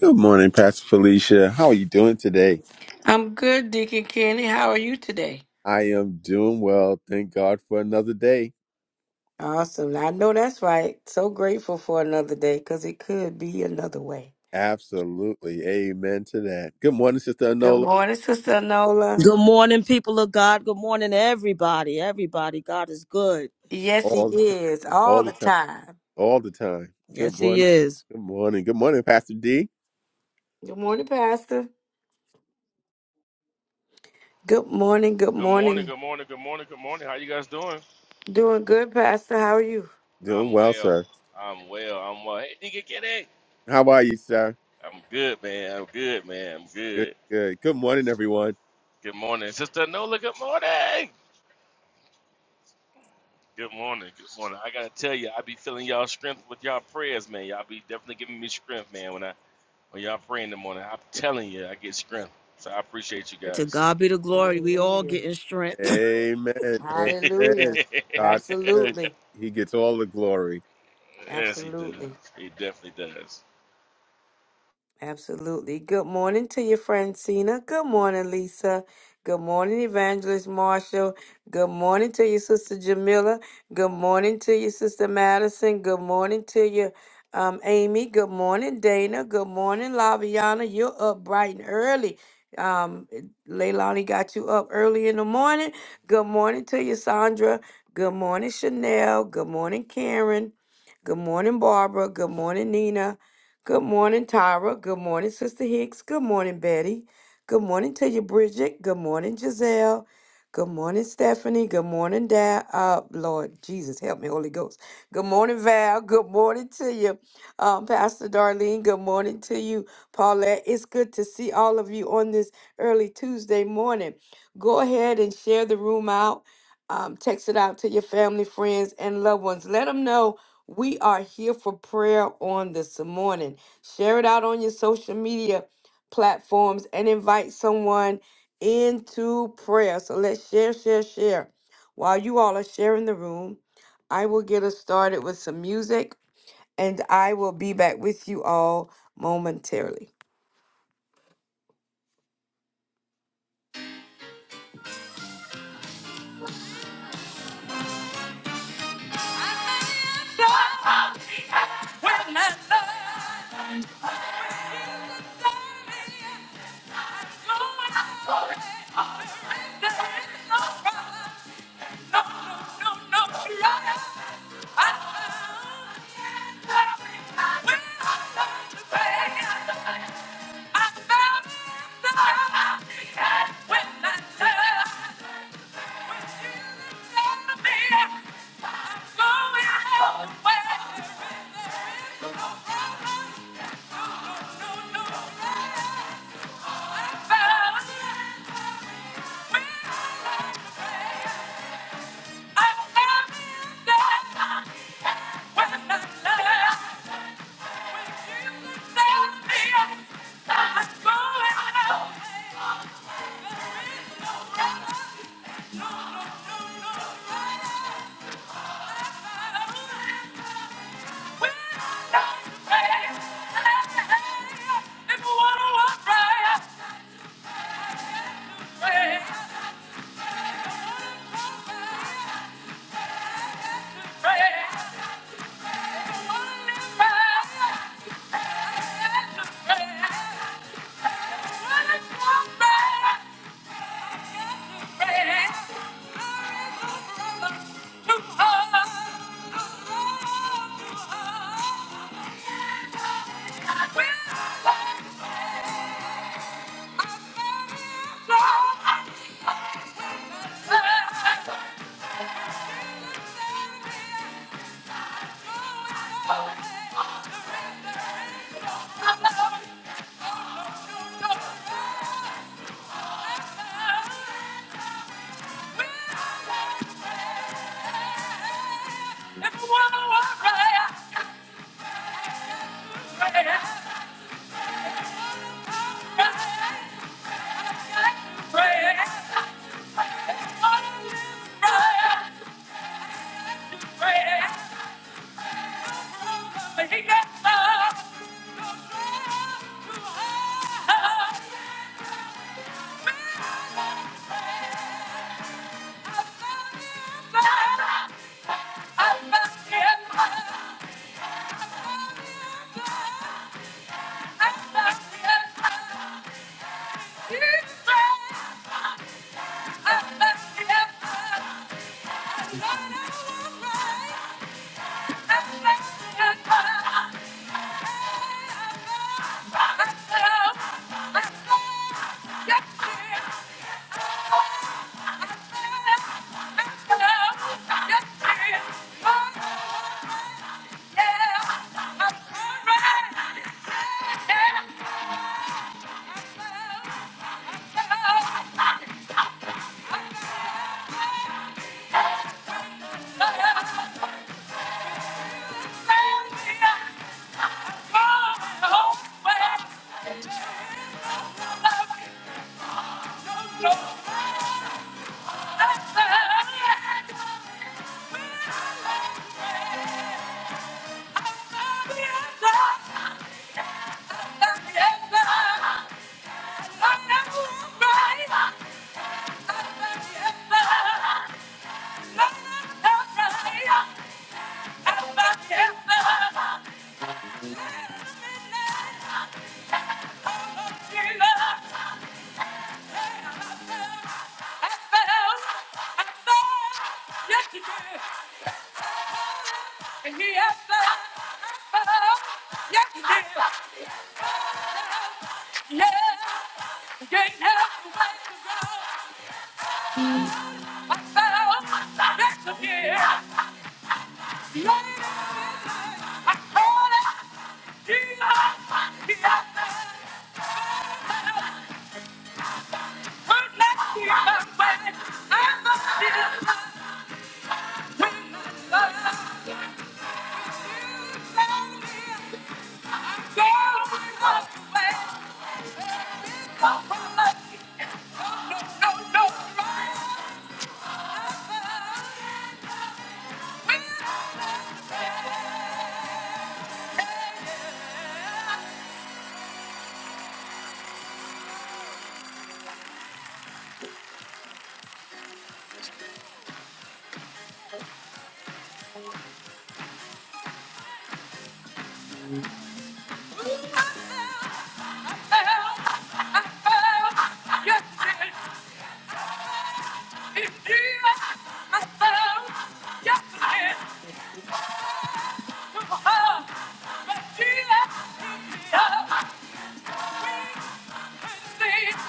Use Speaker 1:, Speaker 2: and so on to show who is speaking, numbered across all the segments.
Speaker 1: Good morning, Pastor Felicia. How are you doing today?
Speaker 2: I'm good, Deacon Kenny. How are you today?
Speaker 1: I am doing well. Thank God for another day.
Speaker 2: Awesome. I know that's right. So grateful for another day because it could be another way.
Speaker 1: Absolutely. Amen to that. Good morning, Sister
Speaker 2: Good
Speaker 1: Anola.
Speaker 2: morning, Sister Nola.
Speaker 3: Good morning, people of God. Good morning, everybody. Everybody, God is good.
Speaker 2: Yes, he
Speaker 1: All the time.
Speaker 2: is all
Speaker 1: All the
Speaker 2: the
Speaker 1: time.
Speaker 2: time.
Speaker 1: All the time. Good
Speaker 3: Yes, He
Speaker 1: morning.
Speaker 3: is.
Speaker 1: Good morning. Good morning, Pastor D.
Speaker 2: Good morning, Pastor. Good morning. Good
Speaker 4: Good morning,
Speaker 2: morning.
Speaker 4: good morning, good morning, good morning. How you guys doing?
Speaker 2: Doing good, Pastor. How are you?
Speaker 1: Doing
Speaker 4: I'm
Speaker 1: well,
Speaker 4: well.
Speaker 1: sir.
Speaker 4: I'm well. I'm well. Hey, nigga, get it.
Speaker 1: How are you, sir?
Speaker 4: I'm good, man. I'm good, man. I'm
Speaker 1: Good,
Speaker 4: good.
Speaker 1: good. Good morning, everyone.
Speaker 4: Good morning, Sister Nola. Good morning. Good morning. Good morning. I gotta tell you, I be feeling y'all strength with y'all prayers, man. Y'all be definitely giving me strength, man. When I when y'all pray in the morning, I'm telling you, I get strength. So I appreciate you
Speaker 3: To
Speaker 4: guys.
Speaker 3: God be the glory. We all
Speaker 2: Hallelujah.
Speaker 3: getting strength.
Speaker 1: Amen. Amen.
Speaker 2: Hallelujah.
Speaker 1: God is good.
Speaker 2: Absolutely.
Speaker 1: He gets all the glory.
Speaker 4: yes, he does.
Speaker 2: Absolutely.
Speaker 4: He definitely does.
Speaker 2: Absolutely. Good morning to you, Francina. Good morning, Lisa. Good morning, Evangelist Marshall. Good morning to you, Sister Jamila. Good morning to you, Sister Madison. Good morning to you, um, Amy. Good morning, Dana. Good morning, Laviana. You're up bright and early. Um, Leilani got you up early in the morning. Good morning to you, Sandra. Good morning, Chanel. Good morning, Karen. Good morning, Barbara. Good morning, Nina. Good morning, Tyra. Good morning, Sister Hicks. Good morning, Betty. Good morning to you, Bridget. Good morning, Giselle. Good morning, Stephanie. Good morning, Dad. Uh, Lord Jesus, help me, Holy Ghost. Good morning, Val. Good morning to you, um, Pastor Darlene. Good morning to you, Paulette. It's good to see all of you on this early Tuesday morning. Go ahead and share the room out. Um, text it out to your family, friends, and loved ones. Let them know we are here for prayer on this morning. Share it out on your social media platforms and invite someone into prayer. So let's share, share, share. While you all are sharing the room, I will get us started with some music and I will be back with you all momentarily. I'm when Yeah. Thank you. Thank you. Pray, pray, pray, pray, pray. I'll Yeah. Yeah. Yes, you did. And he has done. it. Yes, he did. Yeah. Getting up the way to go. I fell back to here. I called it Jesus. He out there. Would not be my way. I must be my way. Yes, I I Yes, I did. Yes, I did.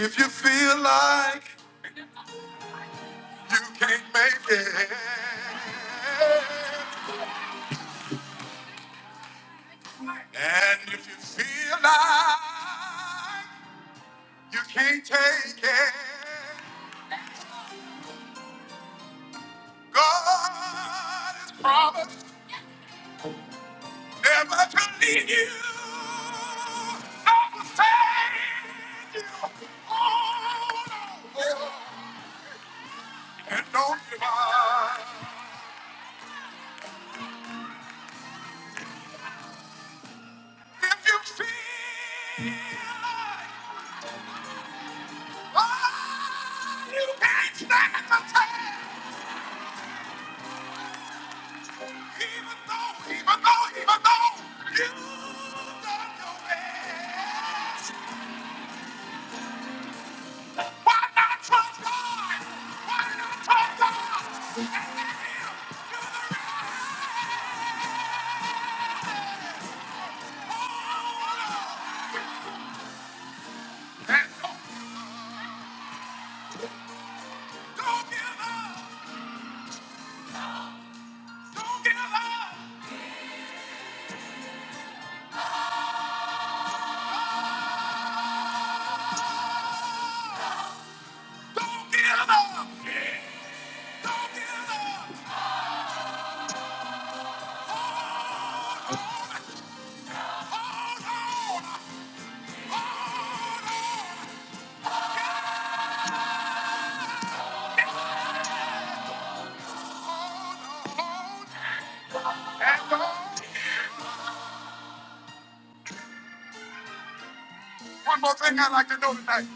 Speaker 2: If you feel like you can't make it, And if you feel like you can't take it, God has promised never to leave you. Not to forsake you. Hold on, and don't give up. If you feel like oh, you can't stand the test. Even though, even though, even though you've done your best, why not trust God? Why not trust God? Let Him do the rest. Hold on. And don't don't give up. Don't give up. Don't give up. Yeah. Don't give up. Hold on. Hold on. Hold on. Hold on. And don't One more thing I'd like to know tonight.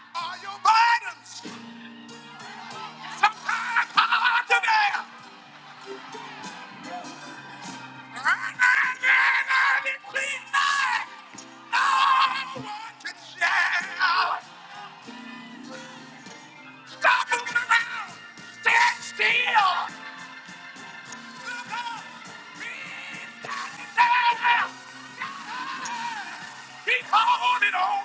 Speaker 2: Are your burdens sometimes hard to bear? And it seems like no one can share. Stop moving around. Stand still. Look up. He's standing there. Keep holding on.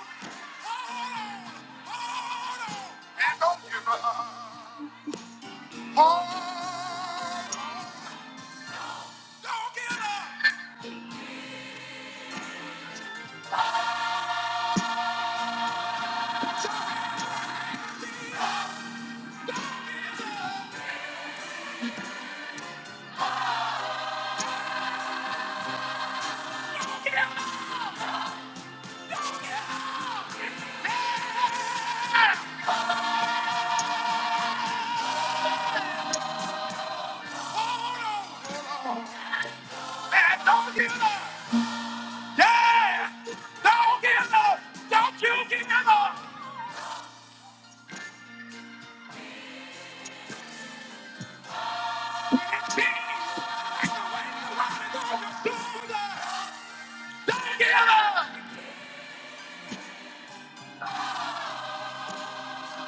Speaker 2: Hold on. Hold on. And don't give up. Hold on. Don't give up. Hold on. Man, don't give up. Yeah. Don't give up. Don't you give up. The weight of the world on your shoulders. Don't give up.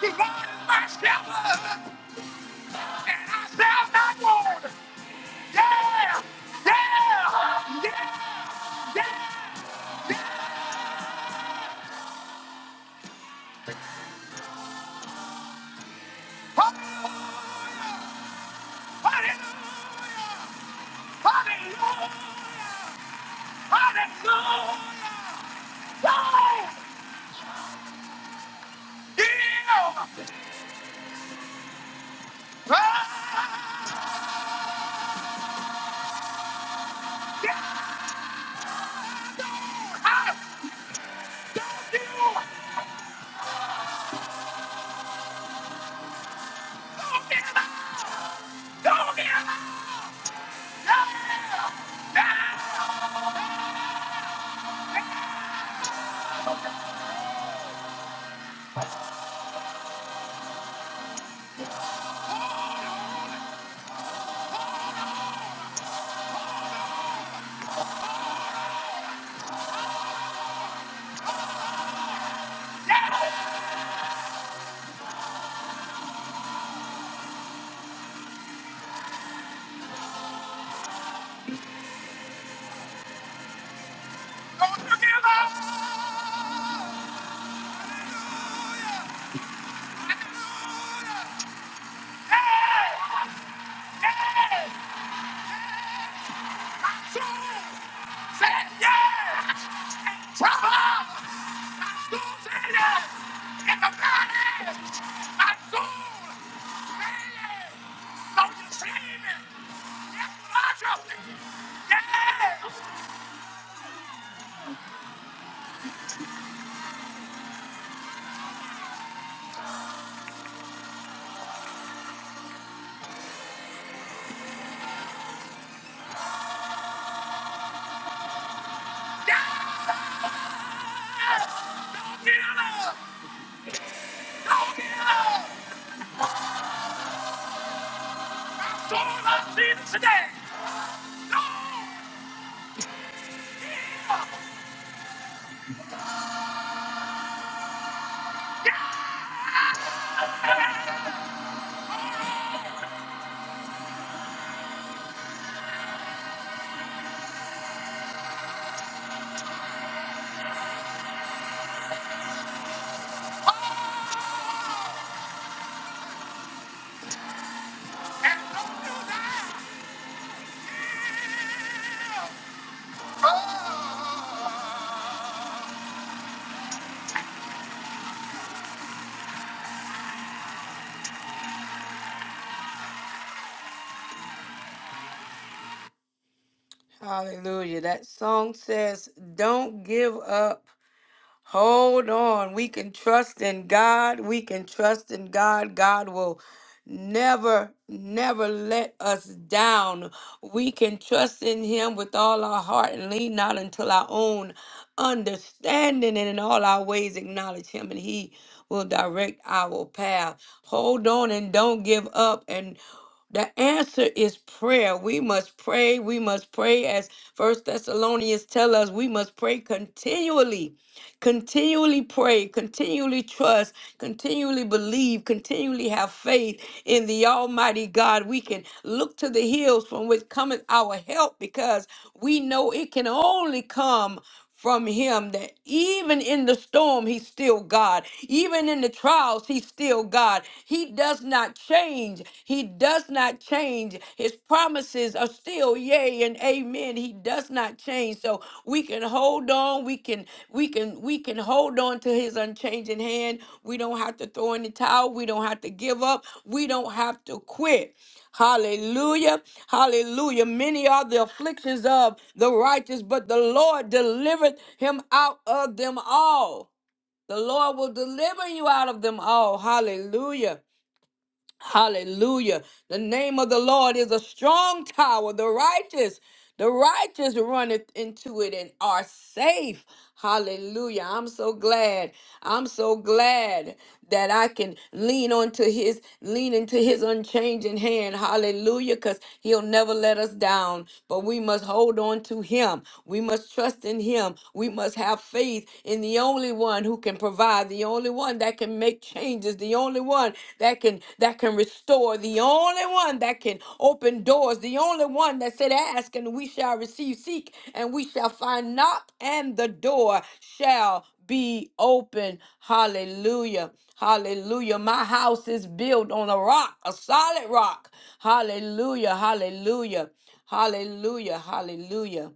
Speaker 2: The Lord is my shepherd, and I shall not want. Yeah. Yeah. Yeah. Hallelujah. Hallelujah. Hallelujah. Hallelujah. Don't give up. Yeah! Don't get up! Don't get up! Soul of Jesus today. No, and don't do that. Yeah. Oh. Hallelujah. That song says, Don't give up. Hold on. We can trust in God. We can trust in God. God will never, never let us down. We can trust in Him with all our heart and lean not until our own understanding and in all our ways acknowledge Him and He will direct our path. Hold on and don't give up. And the answer is prayer. We must pray. We must pray as First Thessalonians tell us we must pray continually Continually pray, continually trust, continually believe, continually have faith in the Almighty God. We can look to the hills from which cometh our help because we know it can only come from him that even in the storm he's still God even in the trials he's still God he does not change he does not change his promises are still yea and amen. He does not change. So we can hold on. We can we can we can hold on to his unchanging hand. We don't have to throw in the towel. We don't have to give up. We don't have to quit. Hallelujah. Hallelujah. Many are the afflictions of the righteous, but the Lord delivered him out of them all. The Lord will deliver you out of them all. Hallelujah. Hallelujah. The name of the Lord is a strong tower. The righteous, the righteous runneth into it and are safe. Hallelujah. I'm so glad. I'm so glad that I can lean onto his lean into his unchanging hand. Hallelujah. Because he'll never let us down. But we must hold on to him. We must trust in him. We must have faith in the only one who can provide provide, the only one that can make changes, the only one that can that can restore, the only one that can open doors, the only one that said, Ask and we shall receive, seek and we shall find, knock and the door shall be open. Hallelujah. Hallelujah. My house is built on a rock, a solid rock. Hallelujah. Hallelujah. Hallelujah. Hallelujah.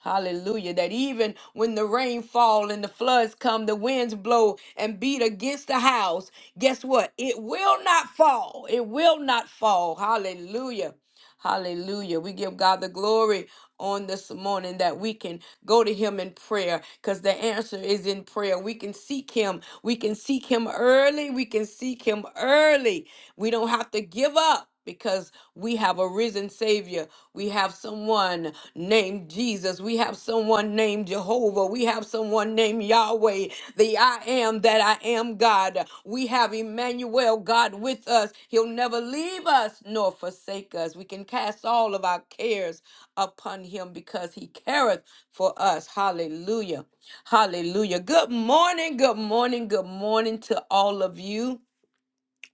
Speaker 2: Hallelujah. That even when the rain fall and the floods come, the winds blow and beat against the house, guess what? It will not fall. It will not fall. Hallelujah. Hallelujah. We give God the glory on this morning that we can go to him in prayer because the answer is in prayer. We can seek him. We can seek him early. We can seek him early. We don't have to give up because we have a risen Savior. We have someone named Jesus. We have someone named Jehovah. We have someone named Yahweh, the I am that I am God. We have Emmanuel, God with us. He'll never leave us nor forsake us. We can cast all of our cares upon Him because He careth for us. Hallelujah. Hallelujah. Good morning. Good morning. Good morning to all of you.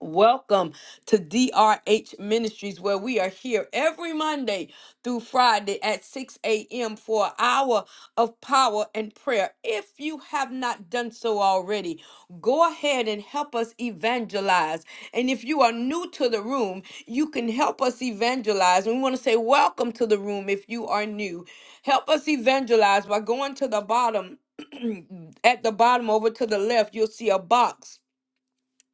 Speaker 2: Welcome to DRH Ministries, where we are here every Monday through Friday at 6 a.m. for an hour of power and prayer. If you have not done so already, go ahead and help us evangelize. And if you are new to the room, you can help us evangelize. And we want to say, Welcome to the room if you are new. Help us evangelize by going to the bottom. at the bottom over to the left, you'll see a box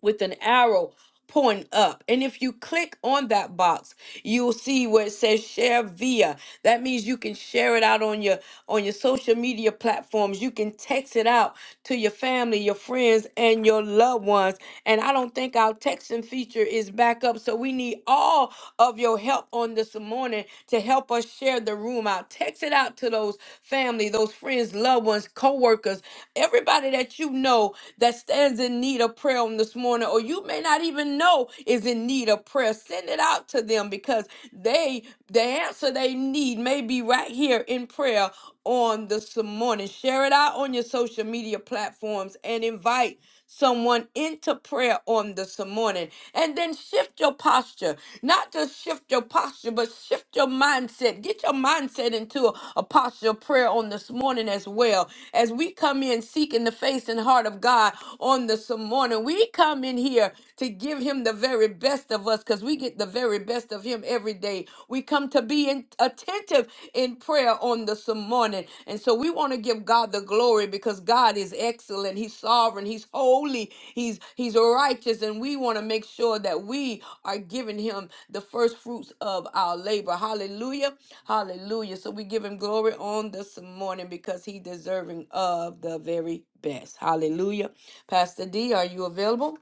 Speaker 2: with an arrow pointing up. And if you click on that box, you'll see where it says share via. That means you can share it out on your on your social media platforms. You can text it out to your family, your friends, and your loved ones. And I don't think our texting feature is back up. So we need all of your help on this morning to help us share the room out. Text it out to those family, those friends, loved ones, co-workers, everybody that you know that stands in need of prayer on this morning morning or you may not even know is in need of prayer send it out to them because they the answer they need may be right here in prayer on this morning share it out on your social media platforms and invite someone into prayer on this morning and then shift your posture not just shift your posture but shift your mindset get your mindset into a, a posture of prayer on this morning as well as we come in seeking the face and heart of god on this morning we come come in here to give him the very best of us because we get the very best of him every day. We come to be in, attentive in prayer on this morning. And so we want to give God the glory because God is excellent. He's sovereign. He's holy. He's he's righteous. And we want to make sure that we are giving him the first fruits of our labor. Hallelujah. Hallelujah. So we give him glory on this morning because he deserving of the very best. Hallelujah. Pastor D, are you available?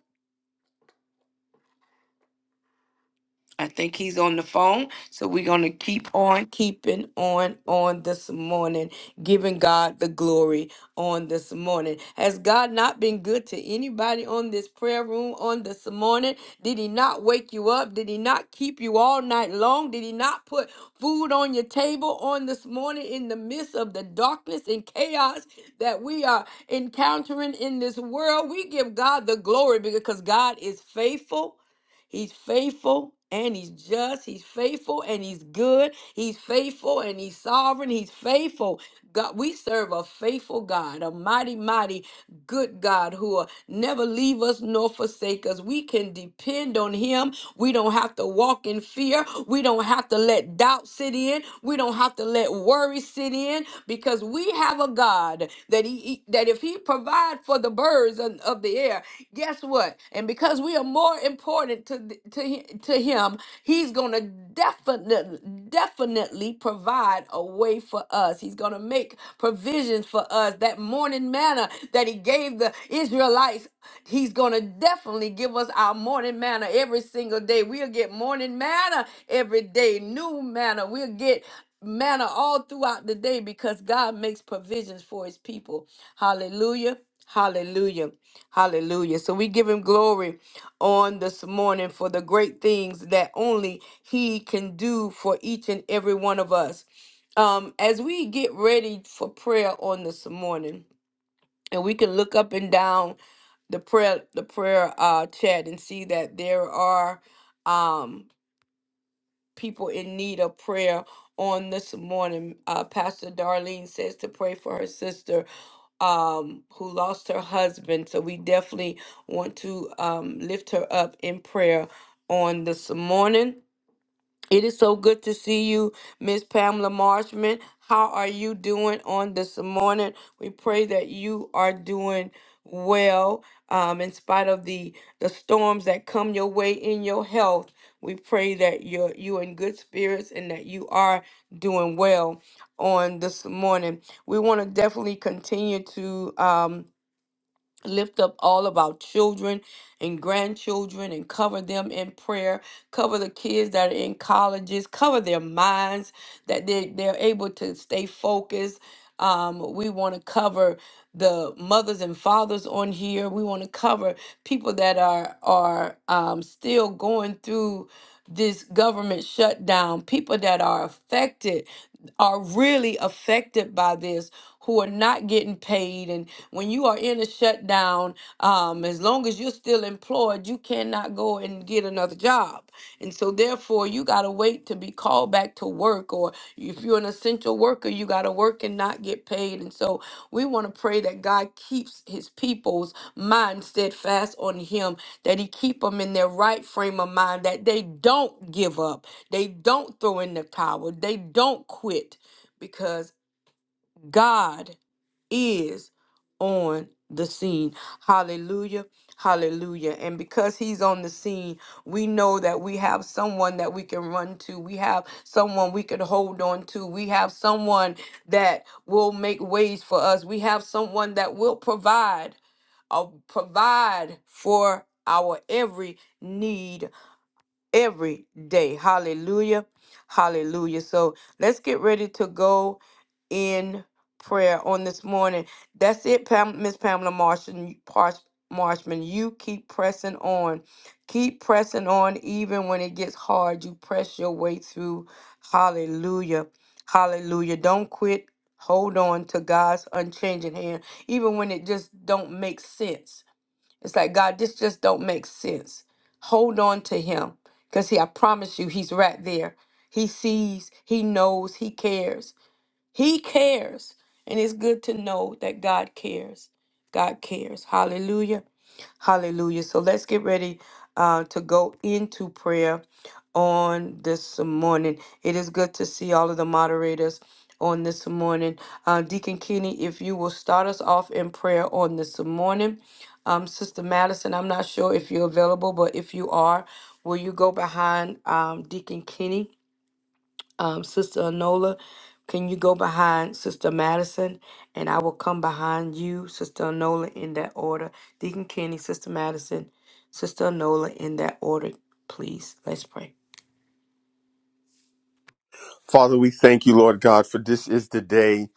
Speaker 2: I think he's on the phone. So we're going to keep on keeping on on this morning, giving God the glory on this morning. Has God not been good to anybody on this prayer room on this morning? Did he not wake you up? Did he not keep you all night long? Did he not put food on your table on this morning in the midst of the darkness and chaos that we are encountering in this world? We give God the glory because God is faithful. He's faithful and he's just. He's faithful and he's good. He's faithful and he's sovereign. He's faithful. God, we serve a faithful God, a mighty, mighty good God who will never leave us nor forsake us. We can depend on him. We don't have to walk in fear. We don't have to let doubt sit in. We don't have to let worry sit in because we have a God. God, that he that if he provide for the birds of, of the air, guess what? And because we are more important to th- to hi- to him, he's going to definitely definitely provide a way for us. He's going to make provisions for us. That morning manna that he gave the Israelites He's going to definitely give us our morning manna every single day. We'll get morning manna every day, new manna. We'll get manner all throughout the day because God makes provisions for his people. Hallelujah. Hallelujah. Hallelujah. So we give him glory on this morning for the great things that only he can do for each and every one of us. Um, as we get ready for prayer on this morning, and we can look up and down the prayer the prayer uh chat and see that there are um people in need of prayer on this morning. Uh, Pastor Darlene says to pray for her sister um, who lost her husband. So we definitely want to um, lift her up in prayer on this morning. It is so good to see you, Miss Pamela Marshman. How are you doing on this morning? We pray that you are doing well um, in spite of the, the storms that come your way in your health. We pray that you're you in good spirits and that you are doing well on this morning. We want to definitely continue to. Um, lift up all of our children and grandchildren and cover them in prayer cover the kids that are in colleges cover their minds that they, they're able to stay focused um, we want to cover the mothers and fathers on here we want to cover people that are are um, still going through this government shutdown people that are affected are really affected by this who are not getting paid and when you are in a shutdown um, as long as you're still employed you cannot go and get another job and so therefore you got to wait to be called back to work or if you're an essential worker you got to work and not get paid and so we want to pray that god keeps his people's mind steadfast on him that he keep them in their right frame of mind that they don't give up they don't throw in the towel they don't quit because god is on the scene. Hallelujah. Hallelujah. And because he's on the scene, we know that we have someone that we can run to. We have someone we can hold on to. We have someone that will make ways for us. We have someone that will provide, uh, provide for our every need every day. Hallelujah. Hallelujah. So let's get ready to go in prayer on this morning. That's it, Pam, Miss Pamela Marshman, Marshman. You keep pressing on. Keep pressing on even when it gets hard. You press your way through. Hallelujah. Hallelujah. Don't quit. Hold on to God's unchanging hand, even when it just don't make sense. It's like, God, this just don't make sense. Hold on to him. Because he, I promise you, he's right there. He sees, he knows, he cares. He cares. And it's good to know that God cares. God cares. Hallelujah. Hallelujah. So let's get ready uh, to go into prayer on this morning. It is good to see all of the moderators on this morning. Uh, Deacon Kenny, if you will start us off in prayer on this morning. Um, Sister Madison, I'm not sure if you're available, but if you are, will you go behind um, Deacon Kenny? um, Sister Anola, can you go behind Sister Madison? And I will come behind you, Sister Anola, in that order. Deacon Kenny, Sister Madison, Sister Anola, in that order, please. Let's pray.
Speaker 1: Father, we thank you, Lord God, for this is the day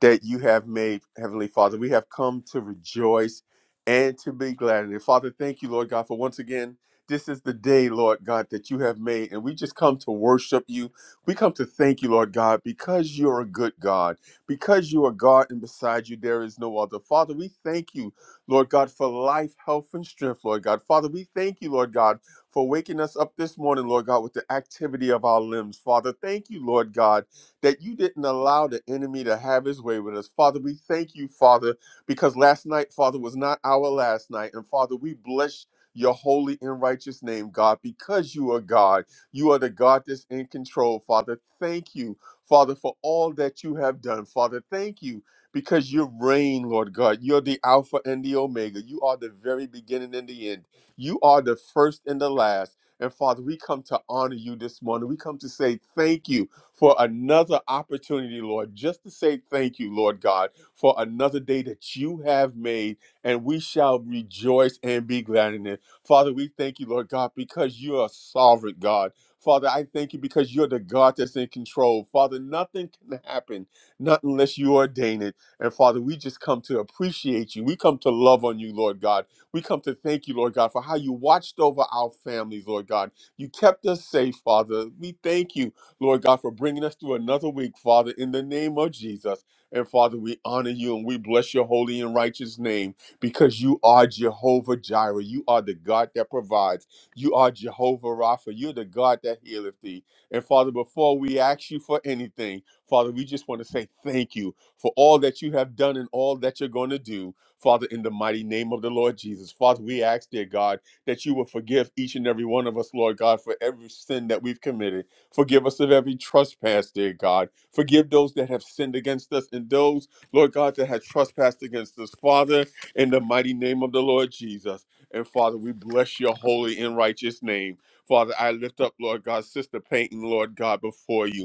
Speaker 1: that you have made, Heavenly Father. We have come to rejoice and to be glad in it. Father, thank you, Lord God, for once again, this is the day, Lord God, that you have made. And we just come to worship you. We come to thank you, Lord God, because you're a good God, because you are God, and beside you there is no other. Father, we thank you, Lord God, for life, health, and strength, Lord God. Father, we thank you, Lord God for waking us up this morning, Lord God, with the activity of our limbs. Father, thank you, Lord God, that you didn't allow the enemy to have his way with us. Father, we thank you, Father, because last night, Father, was not our last night. And Father, we bless your holy and righteous name, God, because you are God. You are the God that's in control, Father. Thank you, Father, for all that you have done. Father, thank you because you reign, Lord God. You're the Alpha and the Omega. You are the very beginning and the end. You are the first and the last. And Father, we come to honor you this morning. We come to say thank you for another opportunity, Lord, just to say thank you, Lord God, for another day that you have made, and we shall rejoice and be glad in it. Father, we thank you, Lord God, because you are sovereign, God. Father, I thank you because you're the God that's in control. Father, nothing can happen, not unless you ordain it. And Father, we just come to appreciate you. We come to love on you, Lord God. We come to thank you, Lord God, for how you watched over our families, Lord God. You kept us safe, Father. We thank you, Lord God, for bringing us through another week, Father, in the name of Jesus. And Father, we honor you and we bless your holy and righteous name because you are Jehovah Jireh. You are the God that provides. You are Jehovah Rapha. You're the God that healeth thee. And Father, before we ask you for anything, Father, we just want to say thank you for all that you have done and all that you're going to do. Father, in the mighty name of the Lord Jesus. Father, we ask, dear God, that you will forgive each and every one of us, Lord God, for every sin that we've committed. Forgive us of every trespass, dear God. Forgive those that have sinned against us and those, Lord God, that have trespassed against us. Father, in the mighty name of the Lord Jesus. And Father, we bless your holy and righteous name. Father, I lift up, Lord God, Sister Payton, Lord God, before you.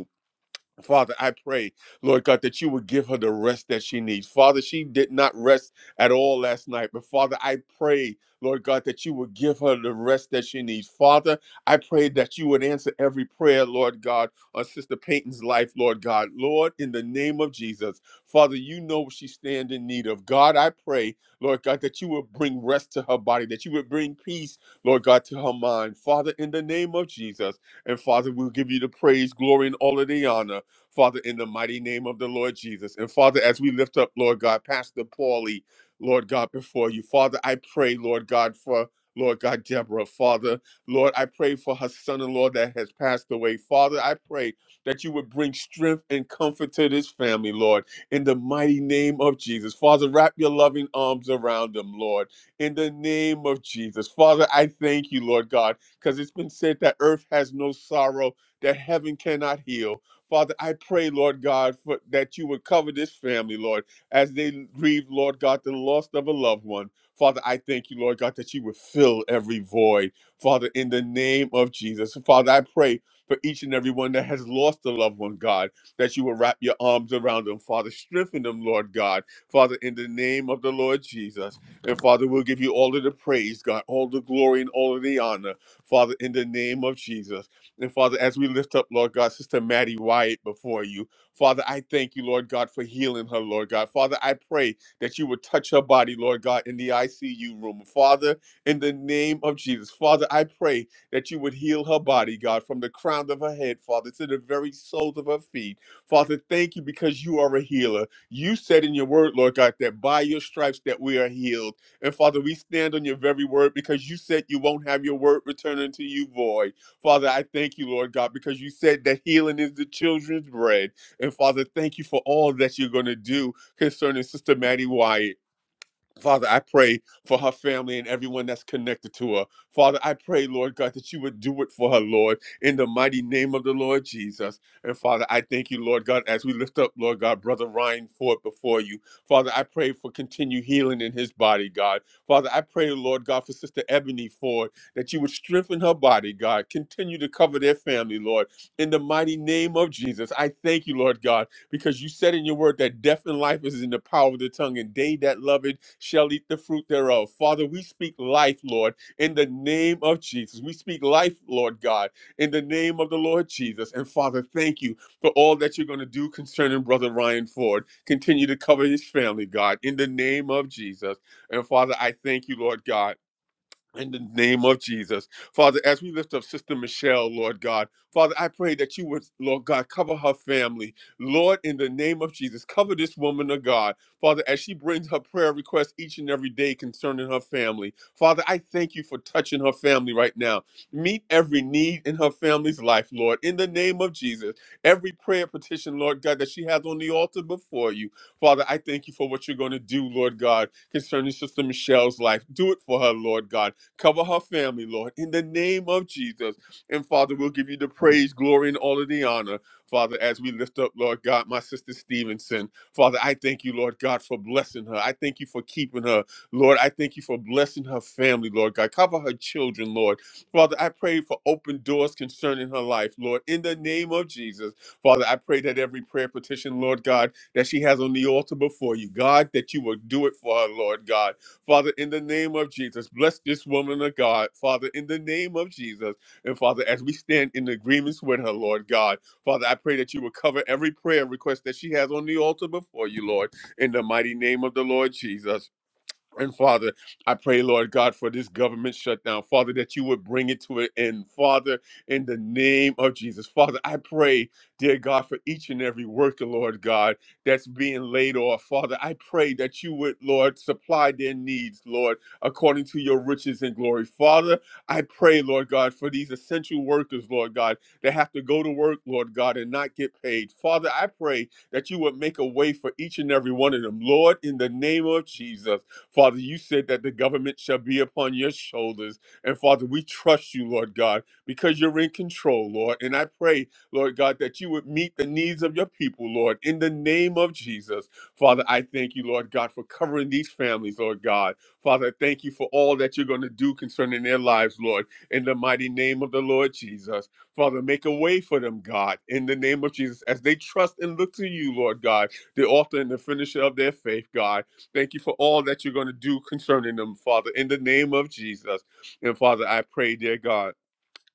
Speaker 1: Father, I pray, Lord God, that you would give her the rest that she needs. Father, she did not rest at all last night, but Father, I pray, Lord God, that you would give her the rest that she needs. Father, I pray that you would answer every prayer, Lord God, on Sister Payton's life, Lord God. Lord, in the name of Jesus, Father, you know what she stands in need of. God, I pray, Lord God, that you would bring rest to her body, that you would bring peace, Lord God, to her mind. Father, in the name of Jesus, and Father, we'll give you the praise, glory, and all of the honor. Father, in the mighty name of the Lord Jesus. And Father, as we lift up, Lord God, Pastor Paulie, Lord God, before you, Father, I pray, Lord God, for Lord God, Deborah, Father, Lord, I pray for her son in law that has passed away. Father, I pray that you would bring strength and comfort to this family, Lord, in the mighty name of Jesus. Father, wrap your loving arms around them, Lord, in the name of Jesus. Father, I thank you, Lord God, because it's been said that earth has no sorrow, that heaven cannot heal. Father, I pray, Lord God, for, that you would cover this family, Lord, as they grieve, Lord God, the loss of a loved one. Father, I thank you, Lord God, that you would fill every void. Father, in the name of Jesus. Father, I pray for each and every one that has lost a loved one, God, that you will wrap your arms around them, Father. Strengthen them, Lord God. Father, in the name of the Lord Jesus. And Father, we'll give you all of the praise, God, all the glory and all of the honor. Father, in the name of Jesus. And Father, as we lift up, Lord God, Sister Maddie Wyatt before you, Father, I thank you, Lord God, for healing her, Lord God. Father, I pray that you would touch her body, Lord God, in the ICU room. Father, in the name of Jesus, Father, I pray that you would heal her body, God, from the crown of her head, Father, to the very soles of her feet. Father, thank you because you are a healer. You said in your word, Lord God, that by your stripes that we are healed. And Father, we stand on your very word because you said you won't have your word return unto you void. Father, I thank you, Lord God, because you said that healing is the children's bread. And Father, thank you for all that you're going to do concerning Sister Maddie Wyatt. Father, I pray for her family and everyone that's connected to her. Father, I pray, Lord God, that you would do it for her, Lord, in the mighty name of the Lord Jesus. And Father, I thank you, Lord God, as we lift up, Lord God, Brother Ryan Ford before you. Father, I pray for continued healing in his body, God. Father, I pray, Lord God, for Sister Ebony Ford, that you would strengthen her body, God. Continue to cover their family, Lord, in the mighty name of Jesus. I thank you, Lord God because you said in your word that death and life is in the power of the tongue, and they that love it shall eat the fruit thereof. Father, we speak life, Lord, in the name of Jesus. We speak life, Lord God, in the name of the Lord Jesus. And Father, thank you for all that you're going to do concerning Brother Ryan Ford. Continue to cover his family, God, in the name of Jesus. And Father, I thank you, Lord God. In the name of Jesus. Father, as we lift up Sister Michelle, Lord God, Father, I pray that you would, Lord God, cover her family. Lord, in the name of Jesus, cover this woman of God. Father, as she brings her prayer requests each and every day concerning her family, Father, I thank you for touching her family right now. Meet every need in her family's life, Lord, in the name of Jesus. Every prayer petition, Lord God, that she has on the altar before you, Father, I thank you for what you're going to do, Lord God, concerning Sister Michelle's life. Do it for her, Lord God. Cover her family, Lord, in the name of Jesus. And Father, we'll give you the praise, glory, and all of the honor. Father, as we lift up, Lord God, my sister Stevenson. Father, I thank you, Lord God, for blessing her. I thank you for keeping her. Lord, I thank you for blessing her family, Lord God. Cover her children, Lord. Father, I pray for open doors concerning her life, Lord, in the name of Jesus. Father, I pray that every prayer petition, Lord God, that she has on the altar before you, God, that you will do it for her, Lord God. Father, in the name of Jesus, bless this woman of God, Father, in the name of Jesus. And Father, as we stand in agreements with her, Lord God, Father, I pray that you will cover every prayer request that she has on the altar before you, Lord, in the mighty name of the Lord Jesus. And Father, I pray, Lord God, for this government shutdown. Father, that you would bring it to an end. Father, in the name of Jesus. Father, I pray, dear God, for each and every worker, Lord God, that's being laid off. Father, I pray that you would, Lord, supply their needs, Lord, according to your riches and glory. Father, I pray, Lord God, for these essential workers, Lord God, that have to go to work, Lord God, and not get paid. Father, I pray that you would make a way for each and every one of them. Lord, in the name of Jesus. Father, you said that the government shall be upon your shoulders. And Father, we trust you, Lord God, because you're in control, Lord. And I pray, Lord God, that you would meet the needs of your people, Lord, in the name of Jesus. Father, I thank you, Lord God, for covering these families, Lord God. Father, thank you for all that you're going to do concerning their lives, Lord, in the mighty name of the Lord Jesus. Father, make a way for them, God, in the name of Jesus, as they trust and look to you, Lord God, the author and the finisher of their faith, God. Thank you for all that you're going to do concerning them, Father, in the name of Jesus. And Father, I pray, dear God.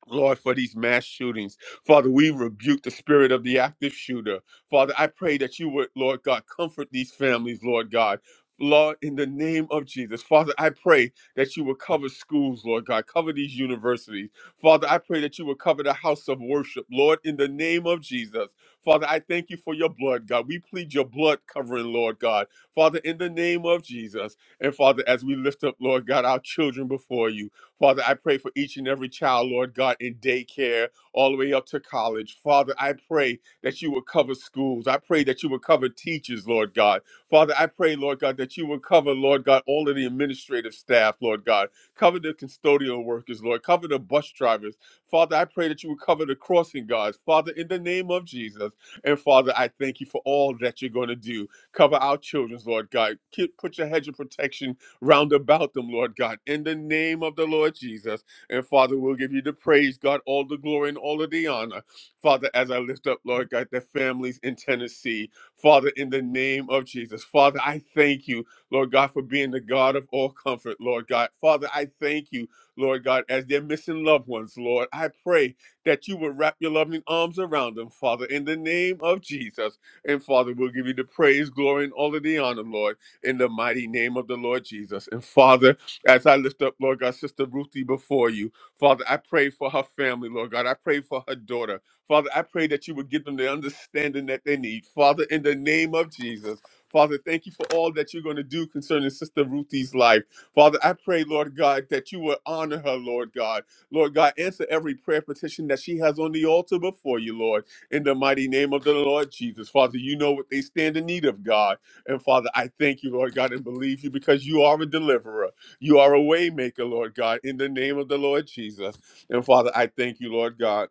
Speaker 1: Lord, for these mass shootings. Father, we rebuke the spirit of the active shooter. Father, I pray that you would, Lord God, comfort these families, Lord God. Lord, in the name of Jesus, Father, I pray that you will cover schools, Lord God, cover these universities. Father, I pray that you will cover the house of worship, Lord, in the name of Jesus. Father, I thank you for your blood, God. We plead your blood covering, Lord God. Father, in the name of Jesus. And Father, as we lift up, Lord God, our children before you, Father, I pray for each and every child, Lord God, in daycare all the way up to college. Father, I pray that you will cover schools. I pray that you will cover teachers, Lord God. Father, I pray, Lord God, that you will cover, Lord God, all of the administrative staff, Lord God. Cover the custodial workers, Lord. Cover the bus drivers. Father, I pray that you will cover the crossing guards. Father, in the name of Jesus. And Father, I thank you for all that you're going to do. Cover our children, Lord God. Keep- Put your hedge of protection round about them, Lord God, in the name of the Lord Jesus. And Father, we'll give you the praise, God, all the glory and all of the honor. Father, as I lift up, Lord God, the families in Tennessee, Father, in the name of Jesus. Father, I thank you, Lord God, for being the God of all comfort, Lord God. Father, I thank you, Lord God, as they're missing loved ones, Lord. I pray that you will wrap your loving arms around them, Father, in the name of Jesus. And Father, we'll give you the praise, glory, and all of the honor, Lord in the mighty name of the Lord Jesus. And Father, as I lift up, Lord God, Sister Ruthie before you, Father, I pray for her family, Lord God. I pray for her daughter. Father, I pray that you would give them the understanding that they need. Father, in the name of Jesus. Father, thank you for all that you're going to do concerning Sister Ruthie's life. Father, I pray, Lord God, that you will honor her, Lord God. Lord God, answer every prayer petition that she has on the altar before you, Lord, in the mighty name of the Lord Jesus. Father, you know what they stand in need of, God. And Father, I thank you, Lord God, and believe you because you are a deliverer. You are a waymaker, Lord God, in the name of the Lord Jesus. And Father, I thank you, Lord God.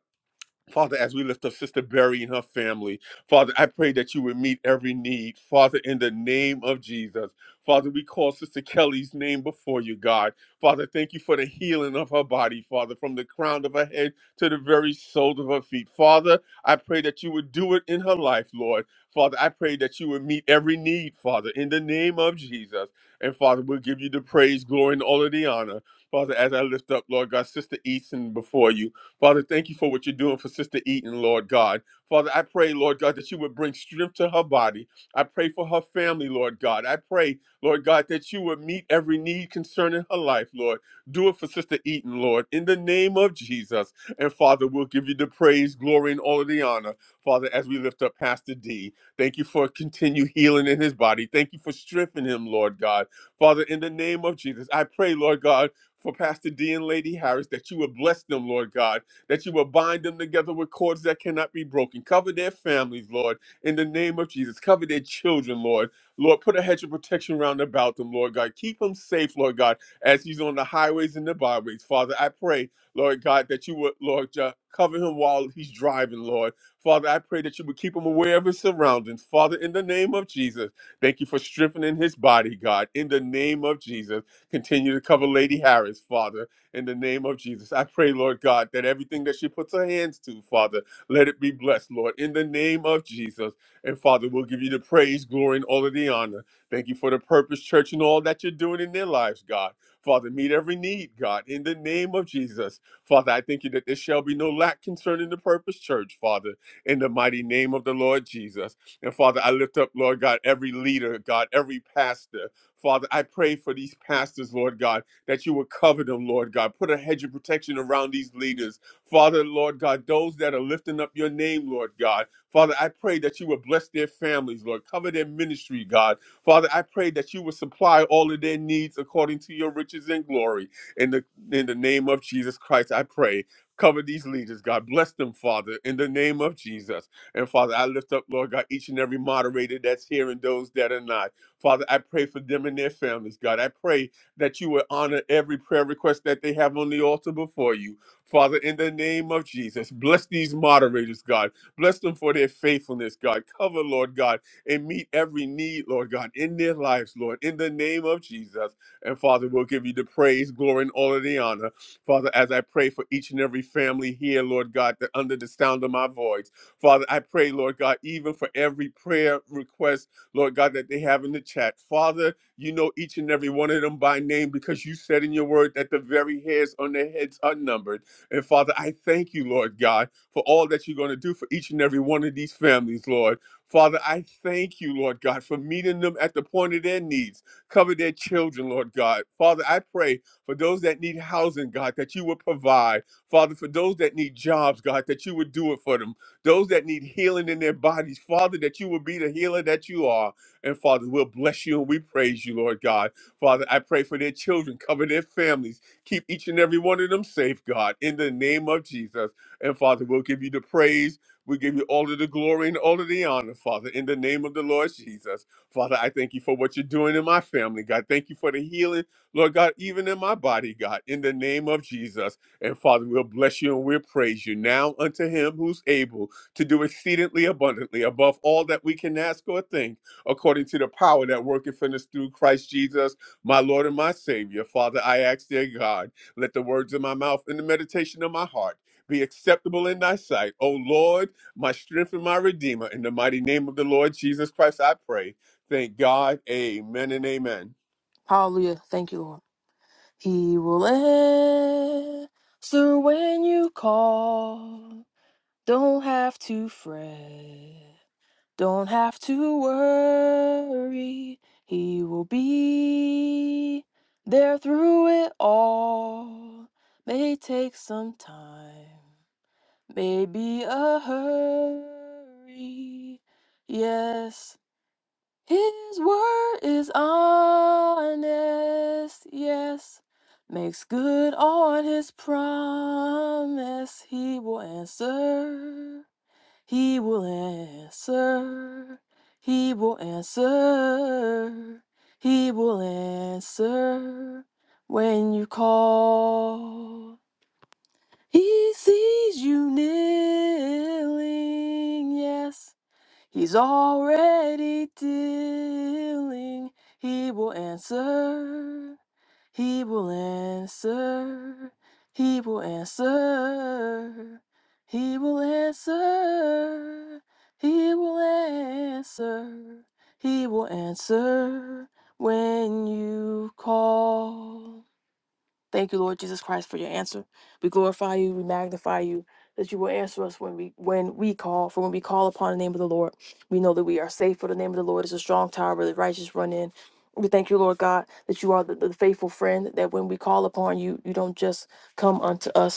Speaker 1: Father, as we lift up Sister Berry and her family, Father, I pray that you would meet every need. Father, in the name of Jesus. Father, we call Sister Kelly's name before you, God. Father, thank you for the healing of her body, Father, from the crown of her head to the very soles of her feet. Father, I pray that you would do it in her life, Lord. Father, I pray that you would meet every need, Father, in the name of Jesus. And Father, we'll give you the praise, glory, and all of the honor. Father, as I lift up, Lord God, Sister Easton before you. Father, thank you for what you're doing for Sister Eaton, Lord God. Father, I pray, Lord God, that you would bring strength to her body. I pray for her family, Lord God. I pray, Lord God, that you would meet every need concerning her life, Lord. Do it for Sister Eaton, Lord, in the name of Jesus. And Father, we'll give you the praise, glory, and all of the honor, Father, as we lift up Pastor D. Thank you for continued healing in his body. Thank you for strengthening him, Lord God. Father, in the name of Jesus, I pray, Lord God, for Pastor D and Lady Harris, that you would bless them, Lord God that you will bind them together with cords that cannot be broken. Cover their families, Lord, in the name of Jesus. Cover their children, Lord. Lord, put a hedge of protection round about them, Lord God. Keep them safe, Lord God, as he's on the highways and the byways. Father, I pray, Lord God, that you would, Lord, uh, cover him while he's driving, Lord. Father, I pray that you would keep him aware of his surroundings. Father, in the name of Jesus, thank you for strengthening his body, God. In the name of Jesus, continue to cover Lady Harris, Father in the name of Jesus. I pray, Lord God, that everything that she puts her hands to, Father, let it be blessed, Lord, in the name of Jesus. And Father, we'll give you the praise, glory, and all of the honor. Thank you for the purpose, church, and all that you're doing in their lives, God. Father, meet every need, God, in the name of Jesus. Father, I thank you that there shall be no lack concerning the purpose, church, Father, in the mighty name of the Lord Jesus. And Father, I lift up, Lord God, every leader, God, every pastor. Father, I pray for these pastors, Lord God that you would cover them, Lord God. Put a hedge of protection around these leaders. Father, Lord God, those that are lifting up your name, Lord God. Father, I pray that you would bless their families, Lord. Cover their ministry, God. Father, I pray that you would supply all of their needs according to your riches and glory. In the in the name of Jesus Christ, I pray. Cover these leaders, God. Bless them, Father, in the name of Jesus. And Father, I lift up, Lord God, each and every moderator that's here and those that are not. Father, I pray for them and their families, God. I pray that you would honor every prayer request that they have on the altar before you. Father, in the name of Jesus, bless these moderators, God. Bless them for their faithfulness, God. Cover, Lord God, and meet every need, Lord God, in their lives, Lord, in the name of Jesus. And Father, we'll give you the praise, glory, and all of the honor. Father, as I pray for each and every family here, Lord God, that under the sound of my voice, Father, I pray, Lord God, even for every prayer request, Lord God, that they have in the chat. Father, you know each and every one of them by name because you said in your word that the very hairs on their heads are numbered. And Father, I thank you, Lord God, for all that you're going to do for each and every one of these families, Lord. Father, I thank you, Lord God, for meeting them at the point of their needs. Cover their children, Lord God. Father, I pray for those that need housing, God, that you would provide. Father, for those that need jobs, God, that you would do it for them. Those that need healing in their bodies, Father, that you would be the healer that you are. And Father, we'll bless you and we praise you, Lord God. Father, I pray for their children, cover their families, keep each and every one of them safe, God, in the name of Jesus. And Father, we'll give you the praise. We give you all of the glory and all of the honor, Father, in the name of the Lord Jesus. Father, I thank you for what you're doing in my family, God. Thank you for the healing, Lord God, even in my body, God, in the name of Jesus. And Father, we'll bless you and we'll praise you now unto him who's able to do exceedingly abundantly above all that we can ask or think according to the power that worketh in us through Christ Jesus, my Lord and my Savior. Father, I ask, dear God, let the words of my mouth and the meditation of my heart be acceptable in thy sight. O Lord, my strength and my redeemer, in the mighty name of the Lord Jesus Christ, I pray. Thank God. Amen and amen.
Speaker 5: Hallelujah. Thank you, Lord. He will answer when you call. Don't have to fret. Don't have to worry. He will be there through it all. May take some time, maybe a hurry. Yes. His word is honest, yes. Makes good on his promise. He will answer. He will answer. He will answer. He will answer when you call. He sees you kneeling, yes. He's already dealing. He will answer. He will answer. He will answer. He will answer. He will answer. He will answer when you call. Thank you, Lord Jesus Christ, for your answer. We glorify you, we magnify you, that you will answer us when we when we call. For when we call upon the name of the Lord, we know that we are safe. For the name of the Lord is a strong tower where the righteous run in. We thank you, Lord God, that you are the, the faithful friend. That when we call upon you, you don't just come unto us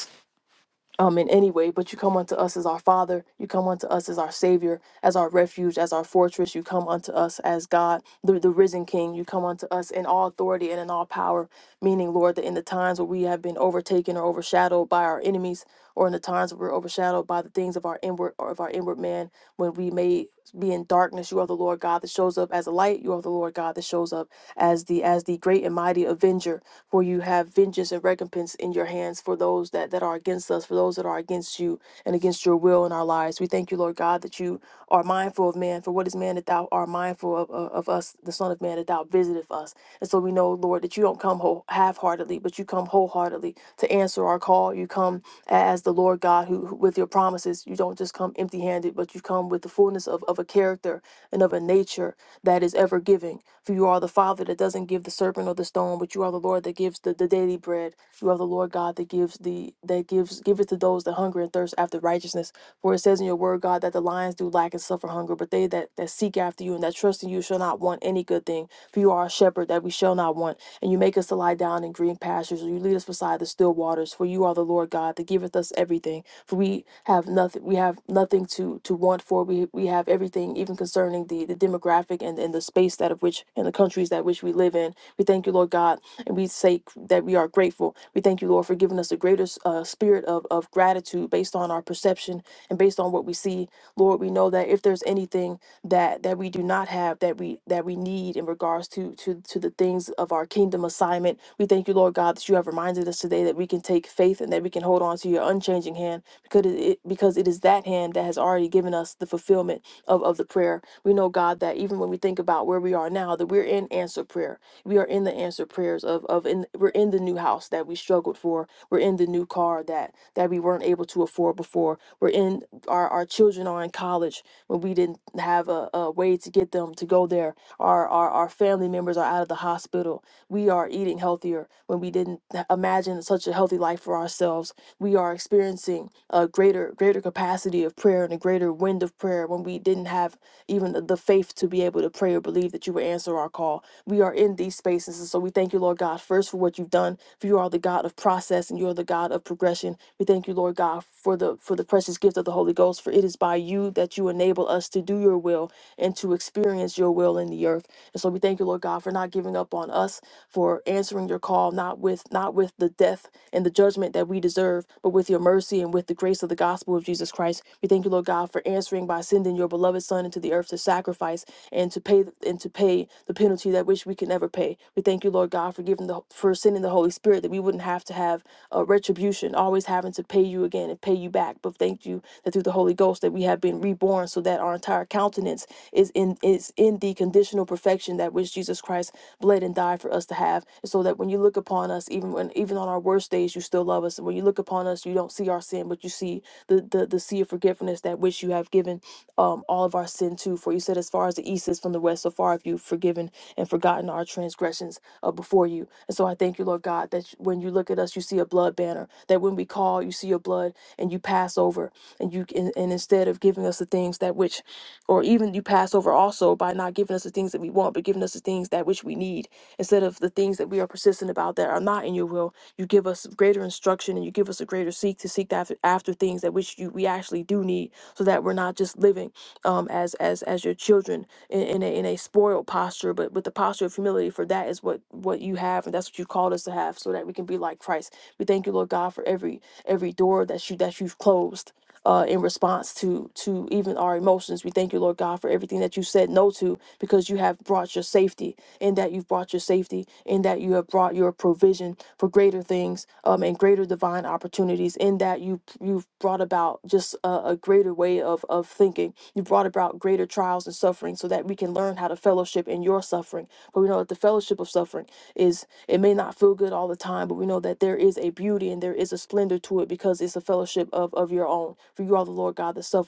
Speaker 5: um, in any way, but you come unto us as our Father. You come unto us as our Savior, as our refuge, as our fortress. You come unto us as God, the, the risen King. You come unto us in all authority and in all power, meaning, Lord, that in the times where we have been overtaken or overshadowed by our enemies, or in the times where we're overshadowed by the things of our inward or of our inward man, when we may be in darkness, you are the Lord God that shows up as a light. You are the Lord God that shows up as the as the great and mighty avenger for you have vengeance and recompense in your hands for those that, that are against us, for those that are against you and against your will in our lives. We thank you, Lord God, that you are mindful of man, for what is man that thou art mindful of, of, of us, the Son of Man, that thou visiteth us. And so we know, Lord, that you don't come whole, half-heartedly, but you come wholeheartedly to answer our call. You come as the Lord God, who, who with your promises, you don't just come empty handed, but you come with the fullness of, of a character and of a nature that is ever giving. For you are the Father that doesn't give the serpent or the stone, but you are the Lord that gives the, the daily bread. You are the Lord God that gives the that gives giveth to those that hunger and thirst after righteousness. For it says in your word, God, that the lions do lack and suffer hunger, but they that, that seek after you and that trust in you shall not want any good thing. For you are a shepherd that we shall not want, and you make us to lie down in green pastures, and you lead us beside the still waters. For you are the Lord God that giveth us everything. For we have nothing we have nothing to to want for. We we have everything, even concerning the the demographic and, and the space that of which and the countries that which we live in. We thank you, Lord God, and we say that we are grateful. We thank you, Lord, for giving us a greater uh, spirit of, of gratitude based on our perception and based on what we see. Lord, we know that if there's anything that that we do not have that we that we need in regards to to to the things of our kingdom assignment we thank you lord god that you have reminded us today that we can take faith and that we can hold on to your unchanging hand because it it- because it is that hand that has already given us the fulfillment of of the prayer we know god that even when we think about where we are now that we're in answer prayer we are in the answer prayers of of in we're in the new house that we struggled for we're in the new car that that we weren't able to afford before we're in our our children are in college when we didn't have a, a way to get them to go there. Our, our our family members are out of the hospital. We are eating healthier when we didn't h- imagine such a healthy life for ourselves. We are experiencing a greater greater capacity of prayer and a greater wind of prayer when we didn't have even the, the faith to be able to pray or believe that you will answer our call. We are in these spaces. And so we thank you, Lord God, first for what you've done. For you are the God of process and you are the God of progression. We thank you, Lord God, for the for the precious gift of the Holy Ghost. For it is by you that you enable us to do your will and to experience your will in the earth. And so we thank you, Lord God, for not giving up on us, for answering your call, not with not with the death and the judgment that we deserve, but with your mercy and with the grace of the gospel of Jesus Christ. We thank you, Lord God, for answering by sending your beloved beloved son into the earth to sacrifice and to pay and to pay the penalty that which we can never pay. We thank you, Lord God, for giving the for sending the Holy Spirit that we wouldn't have to have uh, retribution, always having to pay you again and pay you back. But thank you that through the Holy Ghost that we have been reborn, so that our entire countenance is in is in the conditional perfection that which Jesus Christ bled and died for us to have, so that when you look upon us, even when even on our worst days, you still love us. And when you look upon us, you don't see our sin, but you see the the, the sea of forgiveness that which you have given um, all of our sin too. For you said, as far as the east is from the west, so far have you forgiven and forgotten our transgressions uh, before you. And so I thank you, Lord God, that you- when you look at us, you see a blood banner. That when we call, you see your blood and you pass over. And you and, and instead of giving us the things that which, or even you pass over also by not giving us the things that we want, but giving us the things that which we need. Instead of the things that we are persistent about that are not in your will, you give us greater instruction and you give us a greater seek to seek after, after things that which you, we actually do need so that we're not just living um, as as as your children in, in a in a spoiled posture, but with the posture of humility. For that is what what you have, and that's what you called us to have, so that we can be like Christ. We thank you, Lord God, for every every door that you that you've closed. Uh, in response to to even our emotions, we thank you, Lord God, for everything that you said no to, because you have brought your safety in that you've brought your safety, in that you have brought your provision for greater things um, and greater divine opportunities, in that you you've brought about just a, a greater way of of thinking. You brought about greater trials and suffering, so that we can learn how to fellowship in your suffering. But we know that the fellowship of suffering is it may not feel good all the time, but we know that there is a beauty and there is a splendor to it because it's a fellowship of of your own. For you are the Lord God that suffered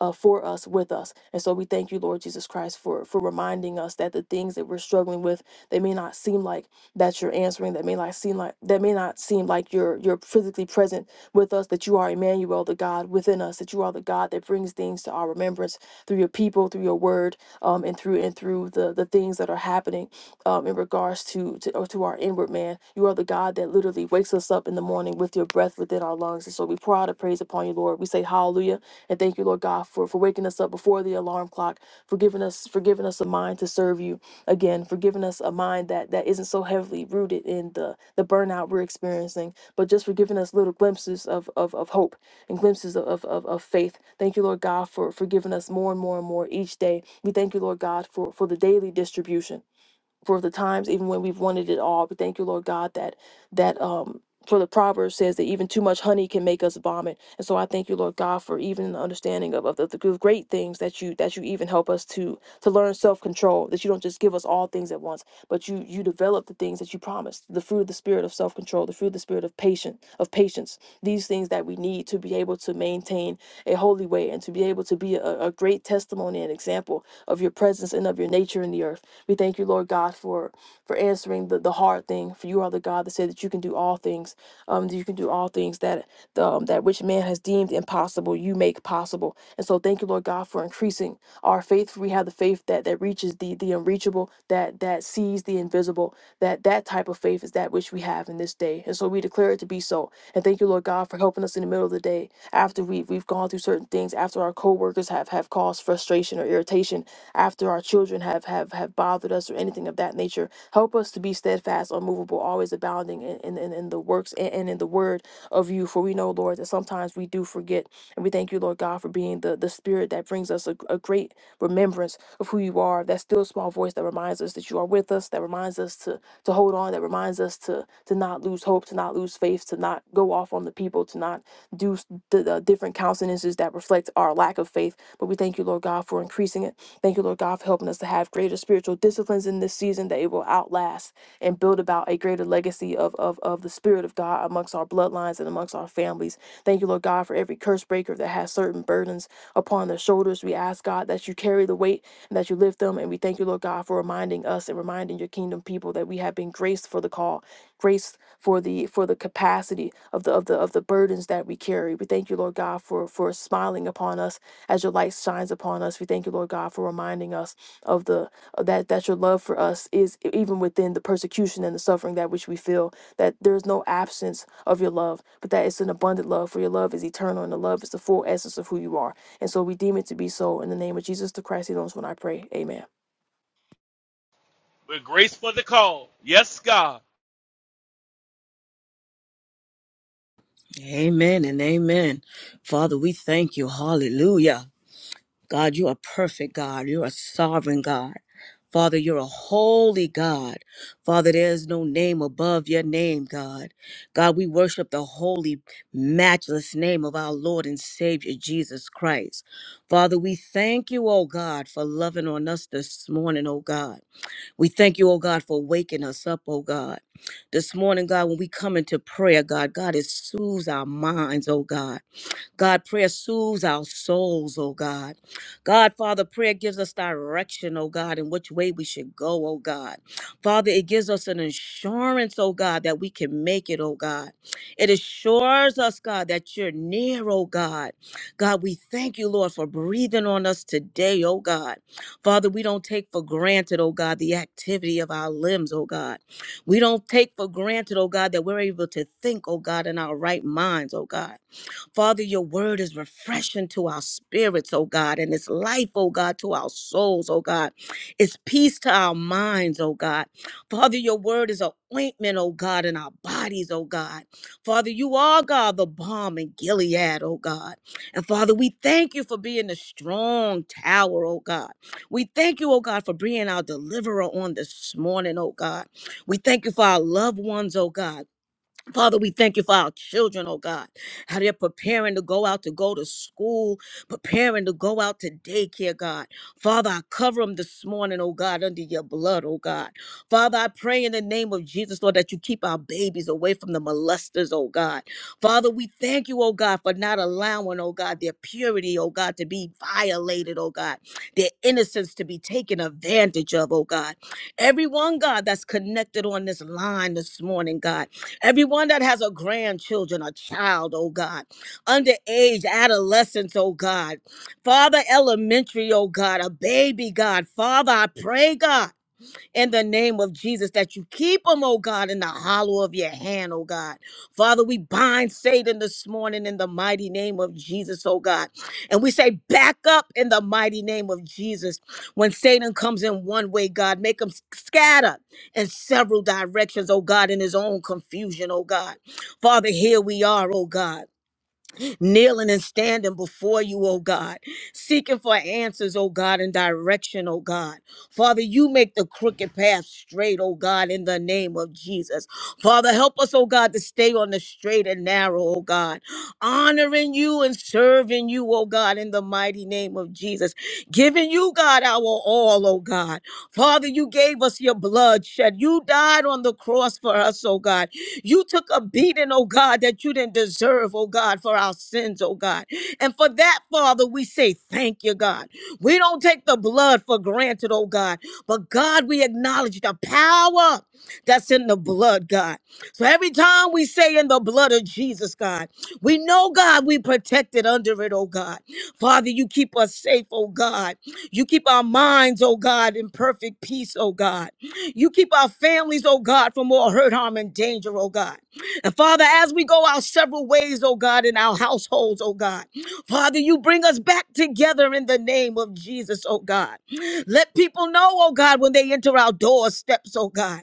Speaker 5: uh, for us, with us. And so we thank you, Lord Jesus Christ, for, for reminding us that the things that we're struggling with, they may not seem like that you're answering, that may not seem like that may not seem like you're you're physically present with us, that you are Emmanuel, the God within us, that you are the God that brings things to our remembrance through your people, through your word, um, and through and through the the things that are happening um, in regards to to, or to our inward man. You are the God that literally wakes us up in the morning with your breath within our lungs. And so we pour out a praise upon you, Lord. We say hallelujah and thank you, Lord God, for, for waking us up before the alarm clock, for giving us for giving us a mind to serve you again, for giving us a mind that that isn't so heavily rooted in the the burnout we're experiencing, but just for giving us little glimpses of of, of hope and glimpses of, of, of of faith. Thank you, Lord God, for, for giving us more and more and more each day. We thank you, Lord God, for, for the daily distribution for the times even when we've wanted it all but thank you lord god that that um for the proverb says that even too much honey can make us vomit and so i thank you lord god for even the understanding of, of the, the great things that you that you even help us to to learn self-control that you don't just give us all things at once but you you develop the things that you promised the fruit of the spirit of self-control the fruit of the spirit of patience of patience these things that we need need to be able to maintain a holy way and to be able to be a, a great testimony and example of your presence and of your nature in the earth. We thank you, Lord God, for for answering the, the hard thing. For you are the God that said that you can do all things. Um, that you can do all things that the, um, that which man has deemed impossible, you make possible. And so thank you, Lord God, for increasing our faith. For we have the faith that that reaches the the unreachable, that that sees the invisible. That that type of faith is that which we have in this day. And so we declare it to be so. And thank you, Lord God, for helping us in the middle of the day after we've, we've gone through certain things, after our coworkers have, have caused frustration or irritation, after our children have, have, have bothered us or anything of that nature. Help us to be steadfast, unmovable, always abounding in, in, in in the works and, and in the word of you. For we know, Lord, that sometimes we do forget. And we thank you, Lord God, for being the, the spirit that brings us a, a great remembrance of who you are, that still small voice that reminds us that you are with us, that reminds us to to hold on that reminds us to to not lose hope to not lose faith to not go off on the people to not do the, the different countenances that reflect our lack of faith but we thank you lord god for increasing it thank you lord god for helping us to have greater spiritual disciplines in this season that it will outlast and build about a greater legacy of, of of the spirit of god amongst our bloodlines and amongst our families thank you lord god for every curse breaker that has certain burdens upon their shoulders we ask god that you carry the weight and that you lift them. And we thank you, Lord God, for reminding us and reminding your kingdom people that we have been graced for the call, graced for the for the capacity of the of the of the burdens that we carry. We thank you, Lord God, for for smiling upon us as your light shines upon us. We thank you, Lord God, for reminding us of the of that that your love for us is e- even within the persecution and the suffering that which we feel. That there is no absence of your love, but that it's an abundant love. For your love is eternal, and the love is the full essence of who you are. And so we deem it to be so in the name of Jesus the Christ, he knows when I pray. Amen.
Speaker 4: We're graced for the call. Yes, God.
Speaker 3: amen and amen. Father, we thank you. Hallelujah. God, you are perfect God. You're a sovereign God. Father, you're a holy God. Father, there is no name above your name, God. God, we worship the holy, matchless name of our Lord and Savior, Jesus Christ. Father, we thank you, oh God, for loving on us this morning, oh God. We thank you, oh God, for waking us up, oh God. This morning, God, when we come into prayer, God, God, it soothes our minds, oh God. God, prayer soothes our souls, oh God. God, Father, prayer gives us direction, oh God, in which way we should go, oh God. Father, it gives us an assurance, oh God, that we can make it, oh God. It assures us, God, that you're near, oh God. God, we thank you, Lord, for breathing on us today, oh God. Father, we don't take for granted, oh God, the activity of our limbs, oh God. We don't take for granted, oh God, that we're able to think, oh God, in our right minds, oh God. Father, your word is refreshing to our spirits, oh God, and it's life, oh God, to our souls, oh God. It's peace to our minds, oh God. Father, your word is an ointment, oh God, in our bodies, oh God. Father, you are God, the balm in Gilead, oh God. And Father, we thank you for being the strong tower, oh God. We thank you, oh God, for being our deliverer on this morning, oh God. We thank you for our loved ones, oh God. Father, we thank you for our children, oh God, how they're preparing to go out to go to school, preparing to go out to daycare, God. Father, I cover them this morning, oh God, under your blood, oh God. Father, I pray in the name of Jesus, Lord, that you keep our babies away from the molesters, oh God. Father, we thank you, oh God, for not allowing, oh God, their purity, oh God, to be violated, oh God, their innocence to be taken advantage of, oh God. Everyone, God, that's connected on this line this morning, God. Everyone that has a grandchildren, a child, oh God, underage, adolescents, oh God, Father, elementary, oh God, a baby, God, Father, I pray, God in the name of Jesus that you keep them, oh God, in the hollow of your hand, oh God. Father, we bind Satan this morning in the mighty name of Jesus, oh God. And we say, back up in the mighty name of Jesus. When Satan comes in one way, God, make him scatter in several directions, oh God, in his own confusion, oh God. Father, here we are, oh God kneeling and standing before you, oh God, seeking for answers, oh God, and direction, oh God. Father, you make the crooked path straight, oh God, in the name of Jesus. Father, help us, oh God, to stay on the straight and narrow, oh God, honoring you and serving you, oh God, in the mighty name of Jesus, giving you, God, our all, oh God. Father, you gave us your blood shed. You died on the cross for us, oh God. You took a beating, oh God, that you didn't deserve, oh God, for our sins, oh God. And for that, Father, we say thank you, God. We don't take the blood for granted, oh God. But God, we acknowledge the power that's in the blood, God. So every time we say in the blood of Jesus, God, we know, God, we protected under it, oh God. Father, you keep us safe, oh God. You keep our minds, oh God, in perfect peace, oh God. You keep our families, oh God, from all hurt, harm, and danger, oh God. And Father, as we go our several ways, oh God, in our households, oh God, Father, you bring us back together in the name of Jesus, oh God. Let people know, oh God, when they enter our doorsteps, oh God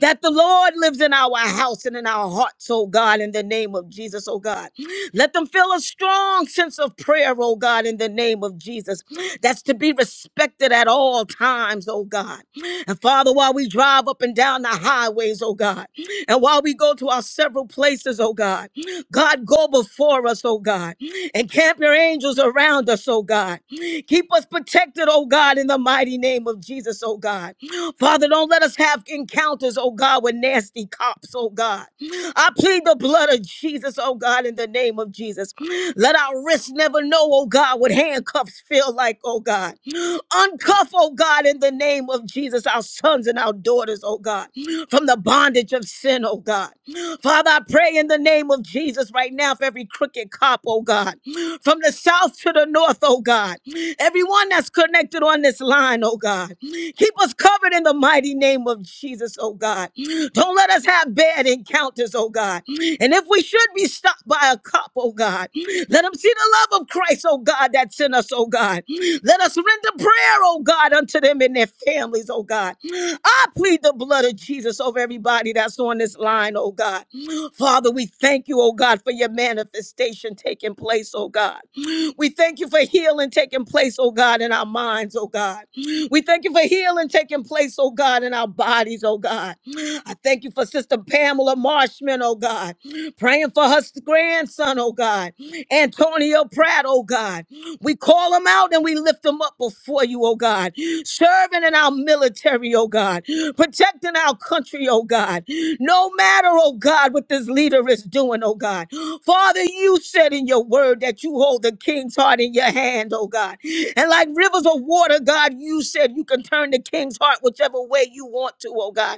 Speaker 3: that the Lord lives in our house and in our hearts, oh God, in the name of Jesus, oh God. Let them feel a strong sense of prayer, oh God, in the name of Jesus. That's to be respected at all times, oh God. And Father, while we drive up and down the highways, oh God, and while we go to our several places, oh God, God, go before us, oh God, and camp your angels around us, oh God. Keep us protected, oh God, in the mighty name of Jesus, oh God. Father, don't let us have encounters, oh God, with nasty cops, oh God. I plead the blood of Jesus, oh God, in the name of Jesus. Let our wrists never know, oh God, what handcuffs feel like, oh God. Uncuff, oh God, in the name of Jesus, our sons and our daughters, oh God, from the bondage of sin, oh God. Father, I pray in the name of Jesus right now for every crooked cop, oh God, from the south to the north, oh God. Everyone that's connected on this line, oh God. Keep us covered in the mighty name of Jesus, oh God. God. Don't let us have bad encounters, oh God. And if we should be stopped by a cop, oh God, let them see the love of Christ, oh God, that's in us, oh God. Let us render prayer, oh God, unto them and their families, oh God. I plead the blood of Jesus over everybody that's on this line, oh God. Father, we thank you, oh God, for your manifestation taking place, oh God. We thank you for healing taking place, oh God, in our minds, oh God. We thank you for healing taking place, oh God, in our bodies, oh God. I thank you for Sister Pamela Marshman, oh God, praying for her grandson, oh God, Antonio Pratt, oh God. We call them out and we lift them up before you, oh God, serving in our military, oh God, protecting our country, oh God. No matter, oh God, what this leader is doing, oh God. Father, you said in your word that you hold the king's heart in your hand, oh God. And like rivers of water, God, you said you can turn the king's heart whichever way you want to, oh God.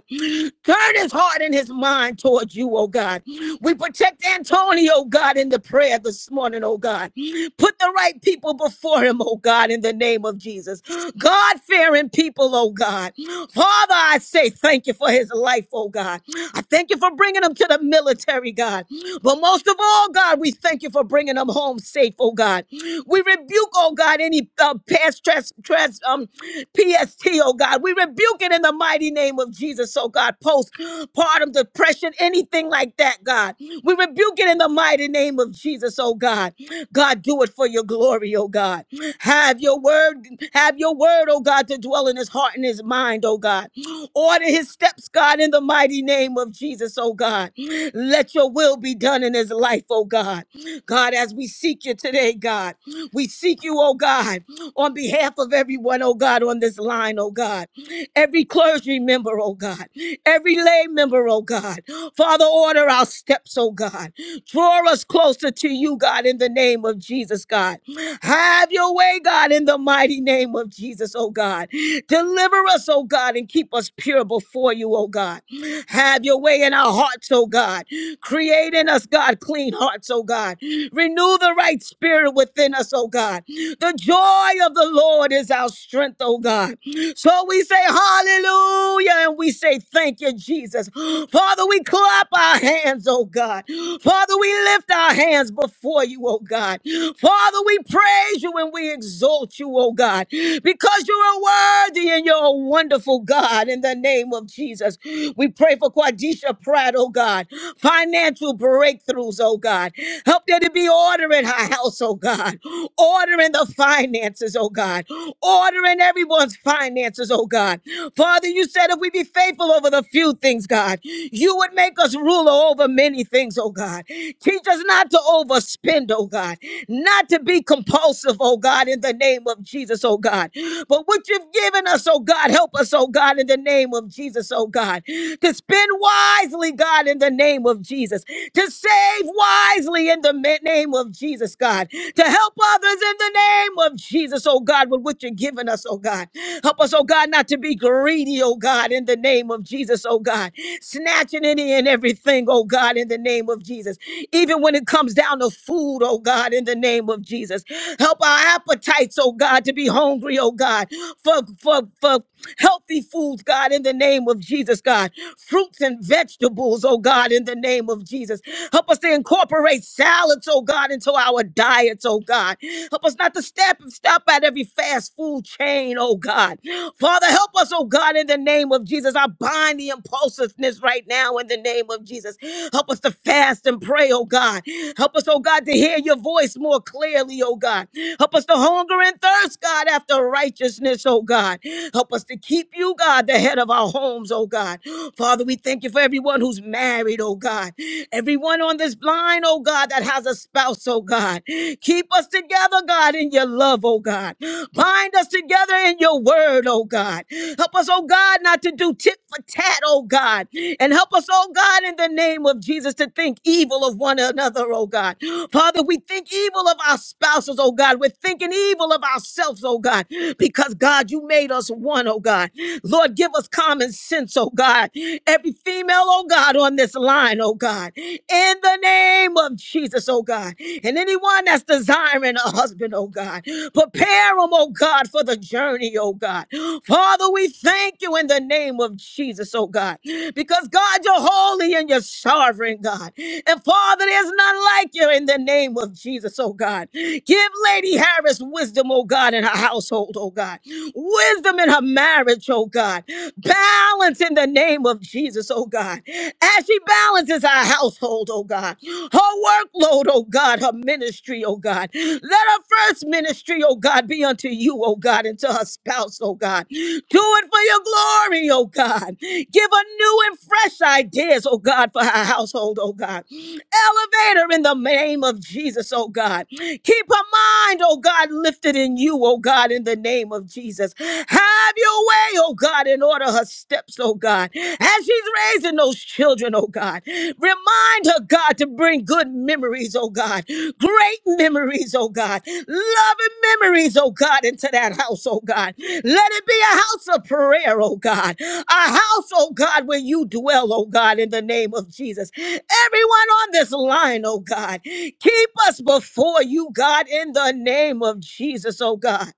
Speaker 3: Turn his heart and his mind towards you, oh God. We protect Antonio, oh God, in the prayer this morning, oh God. Put the right people before him, oh God, in the name of Jesus. God fearing people, oh God. Father, I say thank you for his life, oh God. I thank you for bringing him to the military, God. But most of all, God, we thank you for bringing him home safe, oh God. We rebuke, oh God, any uh, past trans, trans, um, PST, oh God. We rebuke it in the in the mighty name of Jesus. So, God, postpartum depression, anything like that, God, we rebuke it in the mighty name of Jesus, oh God. God, do it for your glory, oh God. Have your word, have your word, oh God, to dwell in his heart and his mind, oh God. Order his steps, God, in the mighty name of Jesus, oh God. Let your will be done in his life, oh God. God, as we seek you today, God, we seek you, oh God, on behalf of everyone, oh God, on this this line, oh God. Every clergy member, oh God. Every lay member, oh God. Father, order our steps, oh God. Draw us closer to you, God, in the name of Jesus, God. Have your way, God, in the mighty name of Jesus, oh God. Deliver us, oh God, and keep us pure before you, oh God. Have your way in our hearts, oh God. Create in us, God, clean hearts, oh God. Renew the right spirit within us, oh God. The joy of the the Lord is our strength, oh God. So we say hallelujah and we say thank you, Jesus. Father, we clap our hands, oh God. Father, we lift our hands before you, oh God. Father, we praise you and we exalt you, oh God, because you are worthy and you're a wonderful God in the name of Jesus. We pray for Quadisha Pratt, oh God, financial breakthroughs, oh God. Help there to be order in her house, oh God ordering the finances, oh God, ordering everyone's finances, oh God. Father, you said if we be faithful over the few things, God, you would make us ruler over many things, oh God. Teach us not to overspend, oh God, not to be compulsive, oh God, in the name of Jesus, oh God. But what you've given us, oh God, help us, oh God, in the name of Jesus, oh God, to spend wisely, God, in the name of Jesus, to save wisely in the ma- name name of Jesus, God, to help others in the name of Jesus, oh God, with what you're giving us, oh God. Help us, oh God, not to be greedy, oh God, in the name of Jesus, oh God. Snatching any and everything, oh God, in the name of Jesus. Even when it comes down to food, oh God, in the name of Jesus. Help our appetites, oh God, to be hungry, oh God, for, for, for healthy foods, God, in the name of Jesus, God. Fruits and vegetables, oh God, in the name of Jesus. Help us us to incorporate salads, oh God, into our diets, oh God. Help us not to step and stop at every fast food chain, oh God. Father, help us, oh God, in the name of Jesus. I bind the impulsiveness right now in the name of Jesus. Help us to fast and pray, oh God. Help us, oh God, to hear your voice more clearly, oh God. Help us to hunger and thirst, God, after righteousness, oh God. Help us to keep you, God, the head of our homes, oh God. Father, we thank you for everyone who's married married, oh God. Everyone on this line, oh God, that has a spouse, oh God. Keep us together, God, in your love, oh God. Bind us together in your word, oh God. Help us, oh God, not to do tit for tat, oh God. And help us, oh God, in the name of Jesus, to think evil of one another, oh God. Father, we think evil of our spouses, oh God. We're thinking evil of ourselves, oh God, because God, you made us one, oh God. Lord, give us common sense, oh God, every female, oh God, on this line, oh God, in the name of Jesus, oh God, and anyone that's desiring a husband, oh God, prepare them, oh God, for the journey, oh God. Father, we thank you in the name of Jesus, oh God, because God, you're holy and you're sovereign, God, and Father, there's none like you in the name of Jesus, oh God. Give Lady Harris wisdom, oh God, in her household, oh God, wisdom in her marriage, oh God. Balance in the name of Jesus, oh God. As she balances our household, oh God, her workload, oh God, her ministry, oh God. Let her first ministry, oh God, be unto you, oh God, and to her spouse, oh God. Do it for your glory, oh God. Give her new and fresh ideas, oh God, for her household, oh God. Elevate her in the name of Jesus, oh God. Keep her mind, oh God, lifted in you, oh God, in the name of Jesus. Have your way, oh God, and order her steps, oh God. As she's raising those children, oh God, remind her, God, to bring good memories, oh God. Great memories, oh God. Loving memories, oh God, into that house, oh God. Let it be a house of prayer, oh God. A house, oh God, where you dwell, oh God, in the name of Jesus. Everyone on this line, oh God, keep us before you, God, in the name of Jesus, oh God.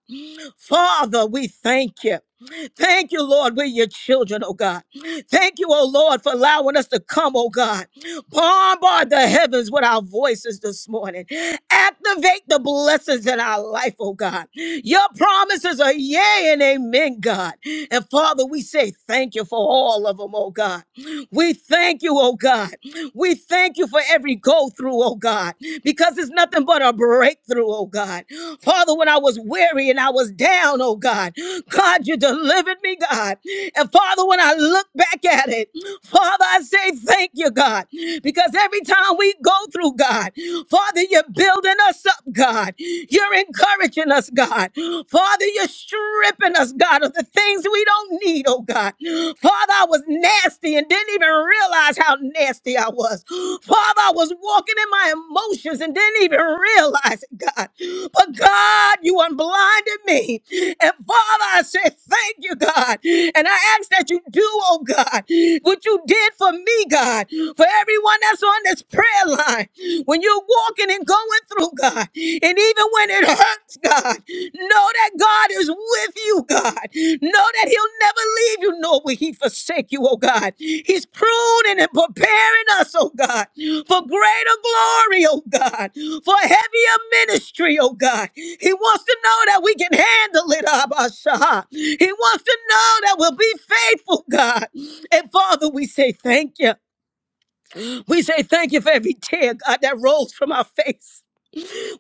Speaker 3: Father, we thank you. Thank you, Lord. We're your children, oh God. Thank you, oh Lord, for allowing us to come, oh God. Bombard the heavens with our voices this morning. Activate the blessings in our life, oh God. Your promises are yea and amen, God. And Father, we say thank you for all of them, oh God. We thank you, oh God. We thank you for every go through, oh God, because it's nothing but a breakthrough, oh God. Father, when I was weary and I was down, oh God, God, you delivered me, God. And Father, when I look back at it, Father, I say thank you, God. God, because every time we go through, God, Father, you're building us up, God. You're encouraging us, God. Father, you're stripping us, God, of the things we don't need, oh God. Father, I was nasty and didn't even realize how nasty I was. Father, I was walking in my emotions and didn't even realize it, God. But God, you unblinded me. And Father, I said, thank you, God. And I ask that you do, oh God, what you did for me, God. God, for everyone that's on this prayer line, when you're walking and going through, God, and even when it hurts, God, know that God is with you, God. Know that He'll never leave you, nor will He forsake you, oh God. He's pruning and preparing us, oh God, for greater glory, oh God, for heavier ministry, oh God. He wants to know that we can handle it, Abba Shah. He wants to know that we'll be faithful, God. And Father, we say thank you. We say thank you for every tear, God, that rolls from our face.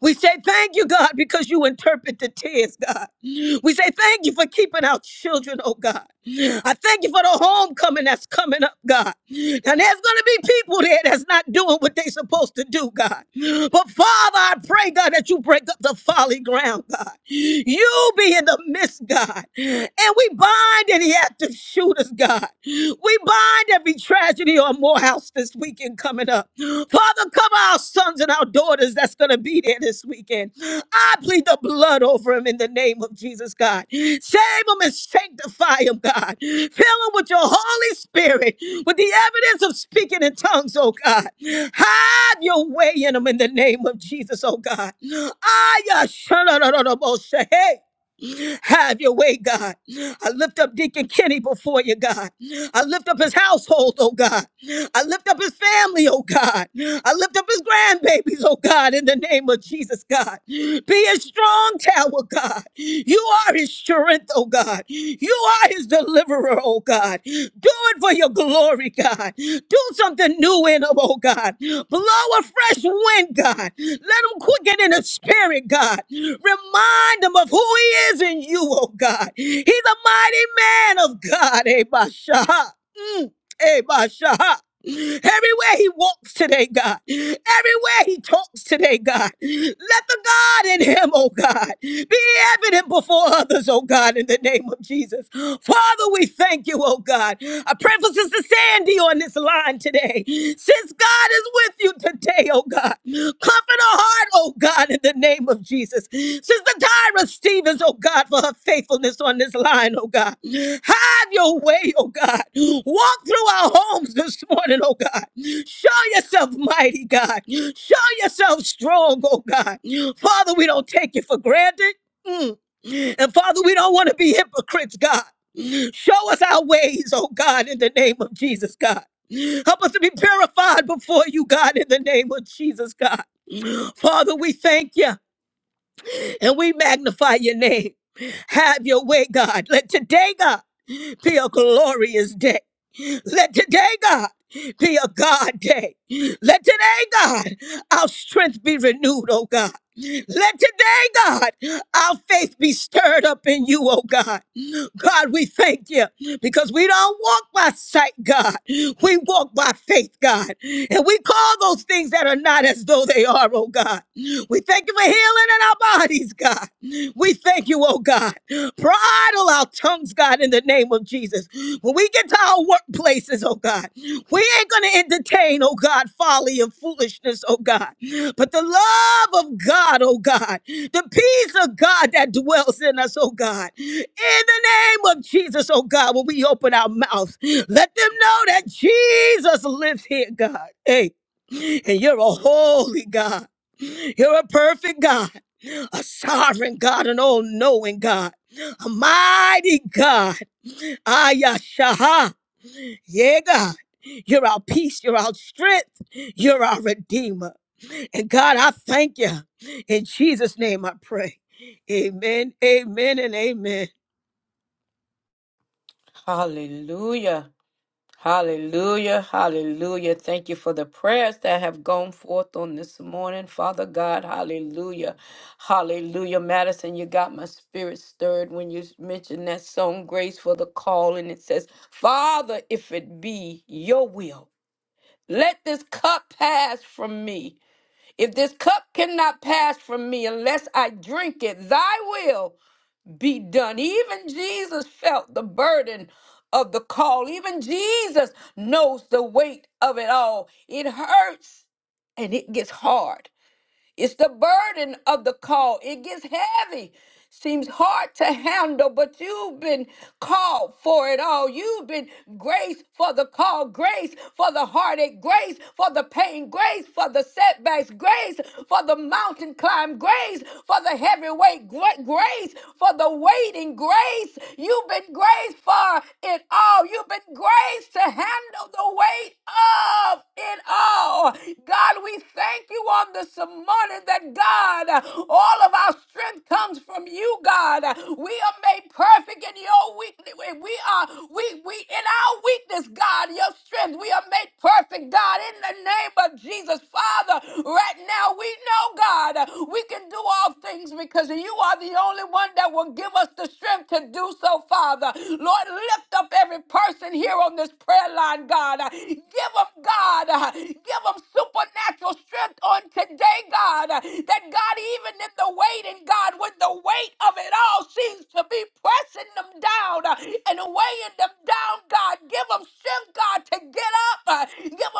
Speaker 3: We say thank you, God, because you interpret the tears, God. We say thank you for keeping our children, oh God. I thank you for the homecoming that's coming up, God. And there's going to be people there that's not doing what they're supposed to do, God. But Father, I pray, God, that you break up the folly ground, God. You be in the midst, God. And we bind any active shooters, God. We bind every every tragedy on Morehouse this weekend coming up. Father, cover our sons and our daughters that's going to be there this weekend. I plead the blood over them in the name of Jesus, God. Save them and sanctify them, God. Fill them with your Holy Spirit, with the evidence of speaking in tongues, oh God. Have your way in them in the name of Jesus, oh God. Aya, shana, have your way, God. I lift up Deacon Kenny before you, God. I lift up his household, oh God. I lift up his family, oh God. I lift up his grandbabies, oh God, in the name of Jesus, God. Be a strong tower, God. You are his strength, oh God. You are his deliverer, oh God. Do it for your glory, God. Do something new in him, oh God. Blow a fresh wind, God. Let him quicken in the spirit, God. Remind him of who he is in you, oh God. He's a mighty man of God, eh, Basha. Mm. Hey, Basha. Everywhere he walks today, God. Everywhere he talks today, God. Let the God in him, oh God, be evident before others, oh God, in the name of Jesus. Father, we thank you, oh God. I pray for Sister Sandy on this line today. Since God is with you today, oh God. God. Comfort her heart, oh God, in the name of Jesus. Sister Tyra Stevens, oh God, for her faithfulness on this line, oh God. Have your way, oh God. Walk through our homes this morning, oh God. Show yourself mighty, God. Show yourself strong, oh God. Father, we don't take it for granted. Mm. And Father, we don't want to be hypocrites, God. Show us our ways, oh God, in the name of Jesus, God. Help us to be purified before you, God, in the name of Jesus, God. Father, we thank you and we magnify your name. Have your way, God. Let today, God, be a glorious day. Let today, God, be a God day. Let today, God, our strength be renewed, oh God. Let today, God, our faith be stirred up in you, oh God. God, we thank you because we don't walk by sight, God. We walk by faith, God. And we call those things that are not as though they are, oh God. We thank you for healing in our bodies, God. We thank you, oh God. Bridle our tongues, God, in the name of Jesus. When we get to our workplaces, oh God, we ain't going to entertain, oh God, folly and foolishness, oh God. But the love of God, oh God, the peace of God that dwells in us, oh God, in the name of Jesus, oh God, when we open our mouths, let them know that Jesus lives here, God. Hey, and you're a holy God. You're a perfect God a sovereign God, an all knowing God, a mighty God. Ayashaha. Yeah, God. You're our peace. You're our strength. You're our redeemer. And God, I thank you. In Jesus' name I pray. Amen, amen, and amen.
Speaker 2: Hallelujah. Hallelujah, hallelujah. Thank you for the prayers that have gone forth on this morning, Father God. Hallelujah, hallelujah. Madison, you got my spirit stirred when you mentioned that song, Grace for the Call, and it says, Father, if it be your will, let this cup pass from me. If this cup cannot pass from me unless I drink it, thy will be done. Even Jesus felt the burden of the call. Even Jesus knows the weight of it all. It hurts and it gets hard. It's the burden of the call. It gets heavy. Seems hard to handle, but you've been called for it all. You've been grace for the call, grace for the heartache, grace for the pain, grace for the setbacks, grace for the mountain climb, grace for the heavy weight, gra- grace for the waiting, grace. You've been graced for it all. You've been graced to handle the weight of it all. God, we thank you on this morning that God, all of our strength comes from you, God. We are made perfect in your weakness. We are we we in our weakness, God, your strength. We are made perfect, God. God, in the name of Jesus, Father, right now we know, God, we can do all things because you are the only one that will give us the strength to do so, Father. Lord, lift up every person here on this prayer line, God. Give them, God, give them supernatural strength on today, God, that God, even in the waiting, uh, give them.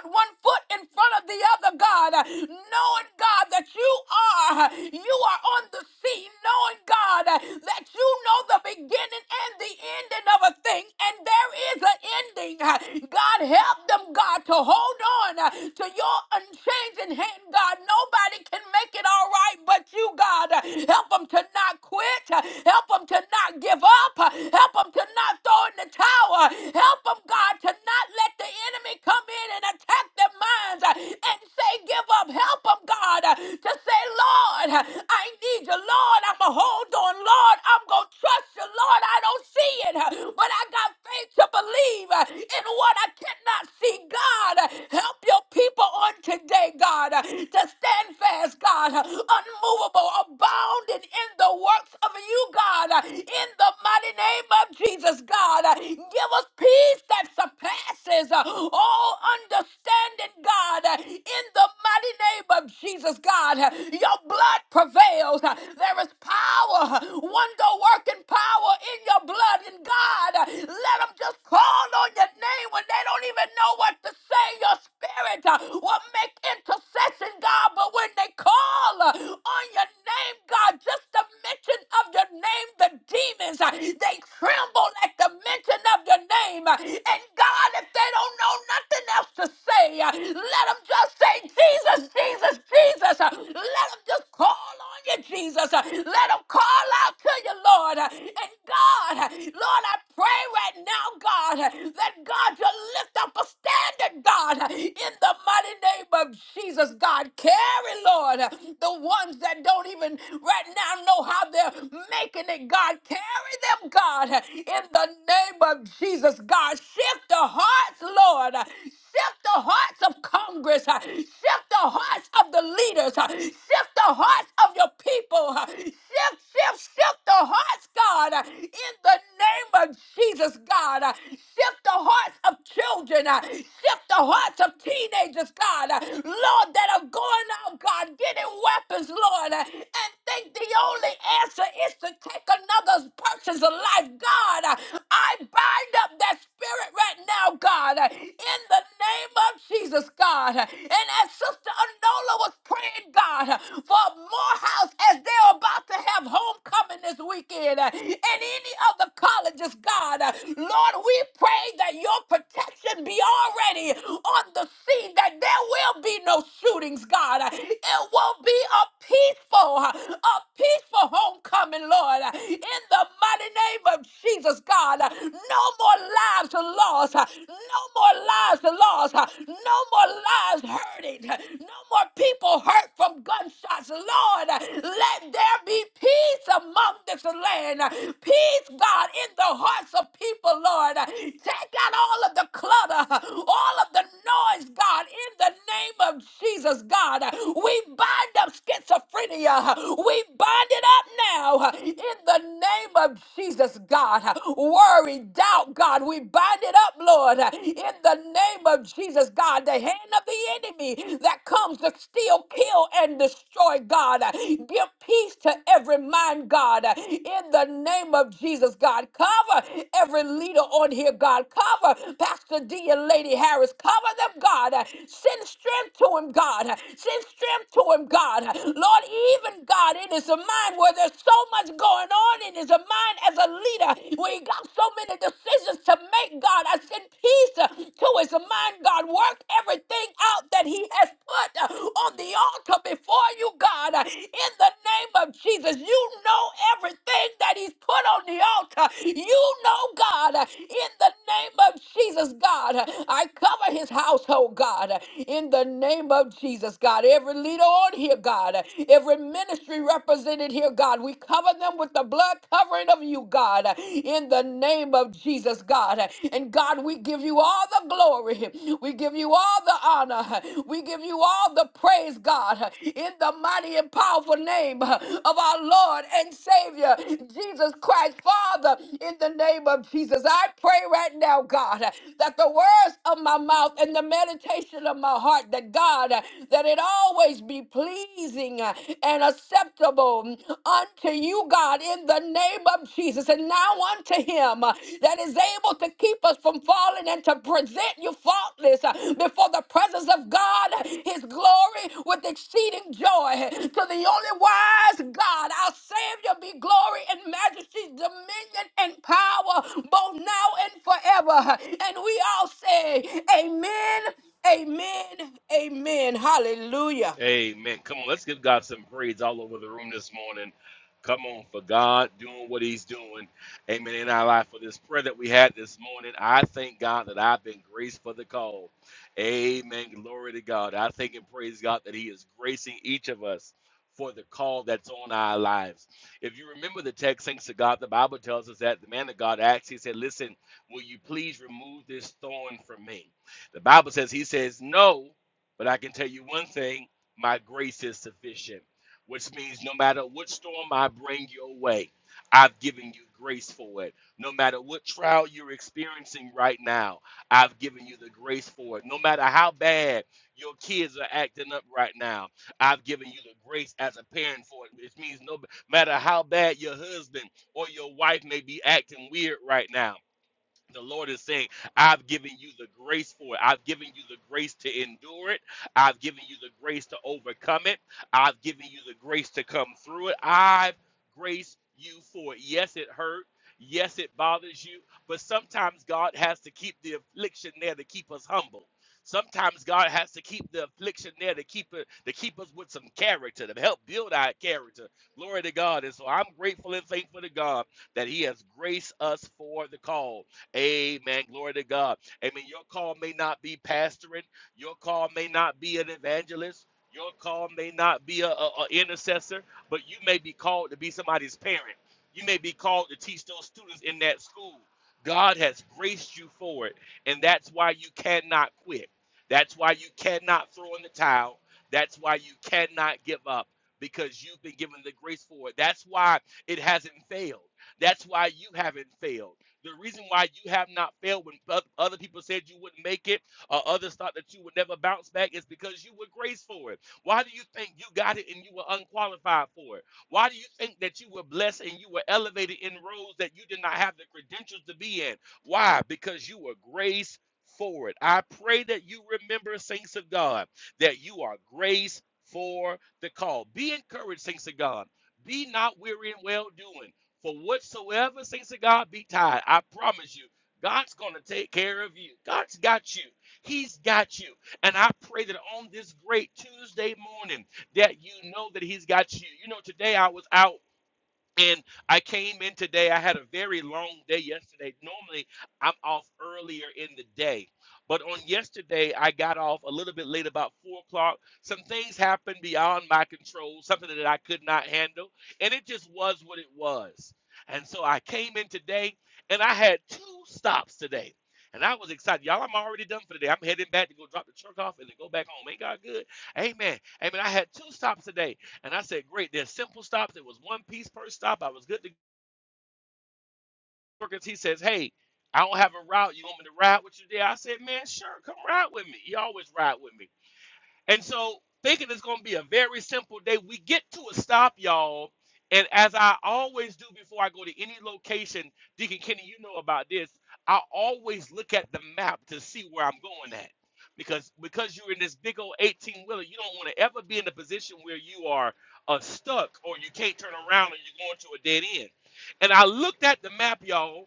Speaker 2: put one foot in front of the other, God, knowing, God, that you are, you are on the scene, knowing, God, that you know the beginning and the ending of a thing, and there is an ending. God, help them, God, to hold on to your unchanging hand, God. Nobody can make it all right but you, God. Help them to not quit. Help them to not give up. Help them to not throw in the towel. Help them, God, to not let the enemy come in and attack their minds uh, and say, Give up. Help them, God, uh, to say, Lord, uh, I need you. Lord, I'm going to hold on. Lord, I'm going to trust you. Lord, I don't see it, uh, but I got faith to believe uh, in what I cannot see. God, uh, help your people on today, God, uh, to stand fast, God, uh, unmovable, abounding in the works of you, God, uh, in the mighty name of Jesus, God. Uh, Give us peace that surpasses passes uh, all understanding, God, uh, in the mighty name of Jesus, God. Uh, Your blood prevails. Uh, There is power, uh, wonder working power in your blood. And God, uh, let them just call on your name when they don't even know what to say. Your spirit uh, will make intercession, God. But when they call uh, on your name, God, just the mention of your name, the demons, uh, they tremble at the mention of your name. uh, and God, if they don't know nothing else to say, uh, let them just say, Jesus, Jesus, Jesus. Uh, Let them just call on you, Jesus. Uh, Let them call out to you, Lord. Uh, And God, uh, Lord, I pray right now, God, uh, that God, you lift up a standard, God, uh, in the mighty name of Jesus, God. Carry, Lord, uh, the ones that don't even right now know how they're making it, God. Carry them, God, uh, in the name of of Jesus, God. Shift the hearts, Lord. Shift the hearts of Congress. Shift the hearts of the leaders. Shift the hearts of your people. Shift, shift, shift the hearts, God. In the name of Jesus, God. Shift the hearts of children. Shift the hearts of teenagers, God. Lord, that are going out, God, getting weapons, Lord, and think the only answer is to take another person's life, God. God. I bind up that spirit right now, God, in the name of Jesus, God. And as Sister Anola was praying, God, for Morehouse as they're about to have homecoming this weekend and any other colleges, God, Lord, we pray that your protection be already on the scene, that there will be no shootings, God. It will be a peaceful, a peaceful homecoming, Lord, in the mighty name of Jesus, God. No more lives lost. No more lives lost. No more lives hurting. No more people hurt from gunshots. Lord, let there be peace among this land. Peace, God, in the hearts of people, Lord. Take out all of the clutter, all of the noise, God, in the name name of Jesus, God, we bind up schizophrenia. We bind it up now in the name of Jesus, God. Worry, doubt, God, we bind it up, Lord, in the name of Jesus, God. The hand of the enemy that comes to steal, kill, and destroy, God. Give peace to every mind, God, in the name of Jesus, God. Cover every every leader on here, God. Cover Pastor D and Lady Harris. Cover them, God. Send strength to him, God. Send strength to him, God. Lord, even God, it is a mind where there's so much going on. It is a mind as a leader where he got so many decisions to make, God. I send peace to his mind, God. Work everything out that he has put uh, on the altar before you, God, uh, in the name of Jesus. You know everything that He's put on the altar. You know, God, uh, in the name of Jesus, God, uh, I cover His household, God, uh, in the name of Jesus, God. Every leader on here, God, uh, every ministry represented here, God, we cover them with the blood covering of you, God, uh, in the name of Jesus, God. Uh, And God, we give you all the glory. We give you all the honor. We give you all the praise, God, in the mighty and powerful name of our Lord and Savior, Jesus Christ. Father, in the name of Jesus, I pray right now, God, that the words of my mouth and the meditation of my heart, that God, that it always be pleasing and acceptable unto you, God, in the name of Jesus. And now unto him uh, that is able to keep us from falling and to present you faultless uh, before the presence of God, uh, his glory with exceeding joy. To the only wise God, our Savior, be glory and majesty, dominion and power, both now and forever. And we all say, Amen, Amen, Amen. Hallelujah.
Speaker 4: Amen. Come on, let's give God some praise all over the room this morning. Come on, for God doing what He's doing. Amen. In our life, for this prayer that we had this morning, I thank God that I've been graced for the call. Amen. Glory to God. I thank and praise God that He is gracing each of us for the call that's on our lives. If you remember the text, thanks to God, the Bible tells us that the man of God asked, He said, Listen, will you please remove this thorn from me? The Bible says, He says, No, but I can tell you one thing my grace is sufficient, which means no matter what storm I bring your way, I've given you grace for it. No matter what trial you're experiencing right now, I've given you the grace for it. No matter how bad your kids are acting up right now, I've given you the grace as a parent for it. Which means no matter how bad your husband or your wife may be acting weird right now, the Lord is saying, I've given you the grace for it. I've given you the grace to endure it. I've given you the grace to overcome it. I've given you the grace to come through it. I've graced you for it. Yes, it hurt. Yes, it bothers you. But sometimes God has to keep the affliction there to keep us humble. Sometimes God has to keep the affliction there to keep it to keep us with some character, to help build our character. Glory to God. And so I'm grateful and thankful to God that He has graced us for the call. Amen. Glory to God. Amen. Your call may not be pastoring. Your call may not be an evangelist. Your call may not be a, a intercessor, but you may be called to be somebody's parent. You may be called to teach those students in that school. God has graced you for it, and that's why you cannot quit. That's why you cannot throw in the towel. That's why you cannot give up because you've been given the grace for it. That's why it hasn't failed. That's why you haven't failed. The reason why you have not failed when other people said you wouldn't make it or others thought that you would never bounce back is because you were graced for it. Why do you think you got it and you were unqualified for it? Why do you think that you were blessed and you were elevated in roles that you did not have the credentials to be in? Why? Because you were graced for it. I pray that you remember, saints of God, that you are graced for the call. Be encouraged, saints of God. Be not weary in well doing. For whatsoever, things of God, be tied, I promise you, God's going to take care of you. God's got you. He's got you. And I pray that on this great Tuesday morning that you know that he's got you. You know, today I was out and I came in today. I had a very long day yesterday. Normally, I'm off earlier in the day. But on yesterday, I got off a little bit late, about four o'clock. Some things happened beyond my control, something that I could not handle. And it just was what it was. And so I came in today and I had two stops today. And I was excited. Y'all, I'm already done for the day. I'm heading back to go drop the truck off and then go back home. Ain't God good? Amen. Amen. I had two stops today and I said, great. There's simple stops. It was one piece per stop. I was good to go. 'Cause He says, hey, I don't have a route. You want me to ride with you there? I said, man, sure. Come ride with me. He always ride with me. And so, thinking it's going to be a very simple day, we get to a stop, y'all. And as I always do before I go to any location, Deacon Kenny, you know about this. I always look at the map to see where I'm going at. Because because you're in this big old 18 wheeler, you don't want to ever be in a position where you are uh, stuck or you can't turn around and you're going to a dead end. And I looked at the map, y'all,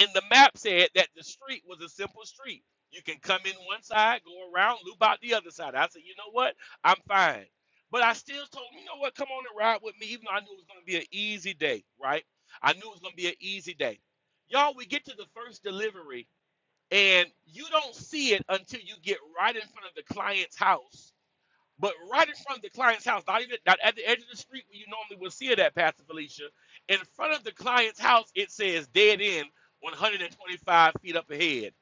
Speaker 4: and the map said that the street was a simple street. You can come in one side, go around, loop out the other side. I said, you know what? I'm fine. But I still told him, you know what? Come on and ride with me, even though I knew it was going to be an easy day, right? I knew it was going to be an easy day. Y'all, we get to the first delivery, and you don't see it until you get right in front of the client's house but right in front of the client's house, not even not at the edge of the street where you normally would see it at, Pastor Felicia, in front of the client's house, it says dead end 125 feet up ahead.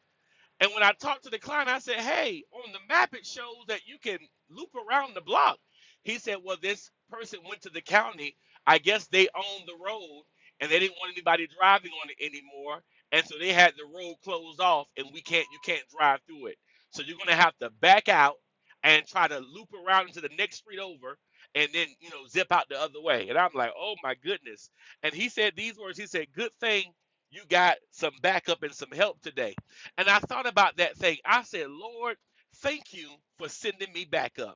Speaker 4: And when I talked to the client, I said, hey, on the map, it shows that you can loop around the block. He said, well, this person went to the county. I guess they owned the road and they didn't want anybody driving on it anymore. And so they had the road closed off and we can't, you can't drive through it. So you're going to have to back out and try to loop around into the next street over and then, you know, zip out the other way. And I'm like, oh my goodness. And he said these words. He said, good thing you got some backup and some help today and I thought about that thing. I said, Lord, thank you for sending me back up.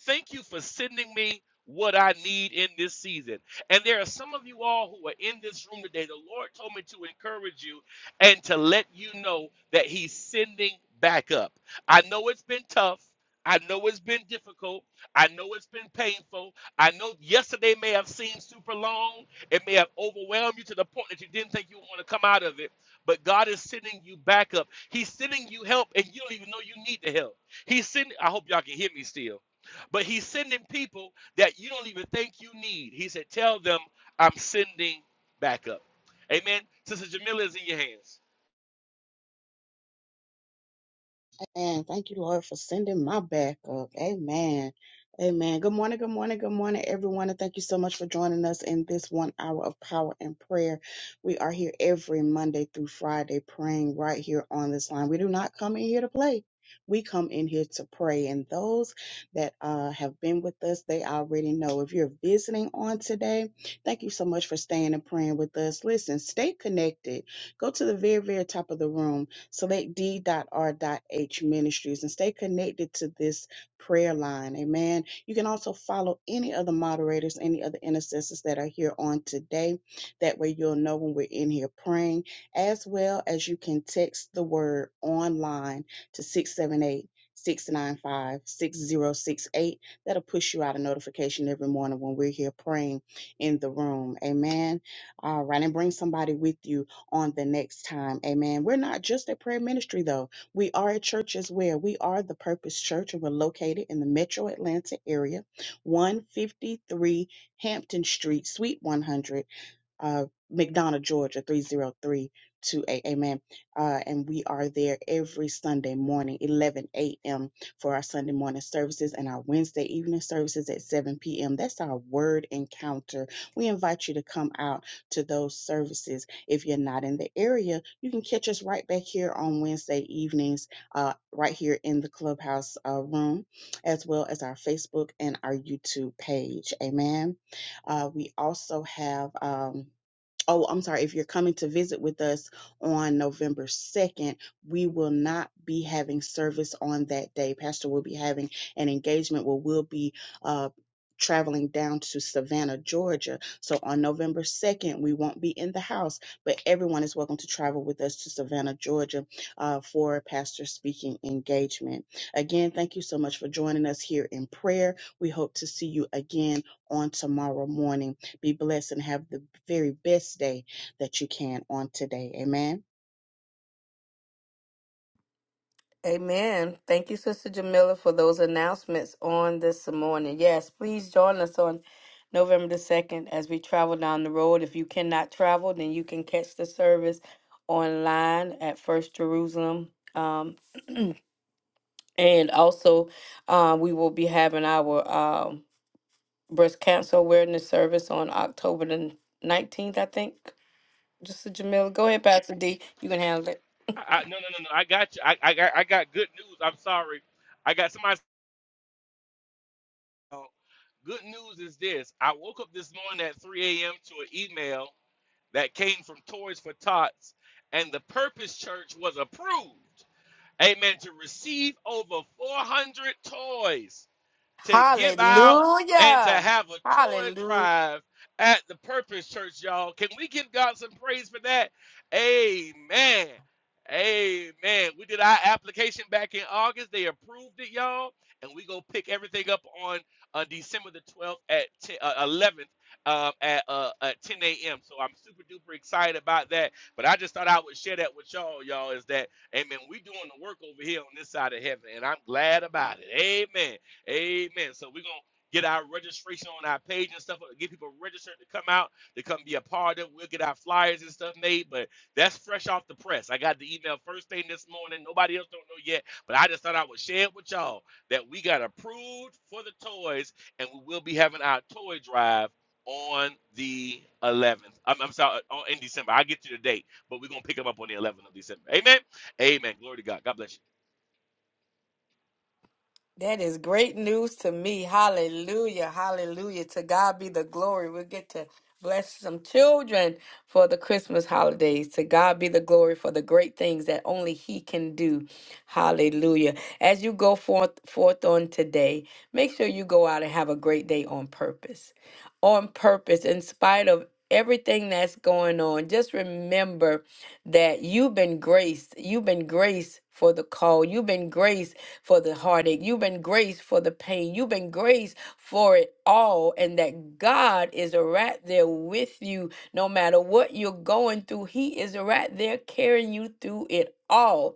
Speaker 4: Thank you for sending me what I need in this season. And there are some of you all who are in this room today. The Lord told me to encourage you and to let you know that He's sending back up. I know it's been tough. I know it's been difficult. I know it's been painful. I know yesterday may have seemed super long. It may have overwhelmed you to the point that you didn't think you would want to come out of it. But God is sending you back up. He's sending you help, and you don't even know you need the help. He's sending. I hope y'all can hear me still. But he's sending people that you don't even think you need. He said, Tell them I'm sending backup. Amen. Sister Jamila is in your hands.
Speaker 6: And thank you, Lord, for sending my backup. Amen. Amen. Good morning, good morning, good morning, everyone. And thank you so much for joining us in this one hour of power and prayer. We are here every Monday through Friday praying right here on this line. We do not come in here to play. We come in here to pray. And those that uh, have been with us, they already know. If you're visiting on today, thank you so much for staying and praying with us. Listen, stay connected. Go to the very, very top of the room Select D.R.H Ministries and stay connected to this prayer line. Amen. You can also follow any of the moderators, any other intercessors that are here on today. That way you'll know when we're in here praying, as well as you can text the word online to six seven eight six nine five six zero six eight. That'll push you out a notification every morning when we're here praying in the room. Amen. All right. And bring somebody with you on the next time. Amen. We're not just a prayer ministry, though. We are a church as well. We are the Purpose Church, and we're located in the metro Atlanta area, 153 Hampton Street, Suite 100 uh, McDonough, Georgia, 30328. Amen. Uh, and we are there every Sunday morning, 11 a.m., for our Sunday morning services and our Wednesday evening services at 7 p.m. That's our word encounter. We invite you to come out to those services. If you're not in the area, you can catch us right back here on Wednesday evenings, uh, right here in the clubhouse uh, room, as well as our Facebook and our YouTube page. Amen. Uh, we also have. Um, oh, I'm sorry, if you're coming to visit with us on November 2nd, we will not be having service on that day. Pastor will be having an engagement where we'll be uh, traveling down to Savannah, Georgia. So on November 2nd, we won't be in the house, but everyone is welcome to travel with us to Savannah, Georgia uh, for a pastor speaking engagement. Again, thank you so much for joining us here in prayer. We hope to see you again on tomorrow morning. Be blessed and have the very best day that you can on today. Amen.
Speaker 2: Amen. Thank you, Sister Jamila, for those announcements on this morning. Yes, please join us on November the 2nd as we travel down the road. If you cannot travel, then you can catch the service online at First Jerusalem. Um, and also, uh, we will be having our um, breast cancer awareness service on October the 19th, I think. Sister Jamila, go ahead, Pastor D. You can handle it.
Speaker 4: I, I, no, no, no, no. I got you. I, I, got, I got good news. I'm sorry. I got somebody. oh, Good news is this I woke up this morning at 3 a.m. to an email that came from Toys for Tots, and the Purpose Church was approved. Amen. To receive over 400 toys to give out and to
Speaker 2: Hallelujah.
Speaker 4: have a toy
Speaker 2: Hallelujah.
Speaker 4: drive at the Purpose Church, y'all. Can we give God some praise for that? Amen. Amen. We did our application back in August. They approved it, y'all. And we go pick everything up on uh, December the 12th at 10, uh, 11th um, at, uh, at 10 a.m. So I'm super duper excited about that. But I just thought I would share that with y'all, y'all, is that, amen, we doing the work over here on this side of heaven. And I'm glad about it. Amen. Amen. So we're gonna get our registration on our page and stuff, get people registered to come out, to come be a part of. it. We'll get our flyers and stuff made, but that's fresh off the press. I got the email first thing this morning. Nobody else don't know yet, but I just thought I would share it with y'all that we got approved for the toys, and we will be having our toy drive on the 11th. I'm, I'm sorry, uh, on, in December. I'll get you the date, but we're gonna pick them up on the 11th of December. Amen. Amen. Glory to God. God bless you.
Speaker 2: That is great news to me. Hallelujah. Hallelujah. To God be the glory. We'll get to bless some children for the Christmas holidays. To God be the glory for the great things that only He can do. Hallelujah. As you go forth forth on today, make sure you go out and have a great day on purpose. On purpose, in spite of everything that's going on, just remember that you've been graced. You've been graced for the call. You've been graced for the heartache. You've been graced for the pain. You've been graced for it all. And that God is right there with you no matter what you're going through. He is right there carrying you through it all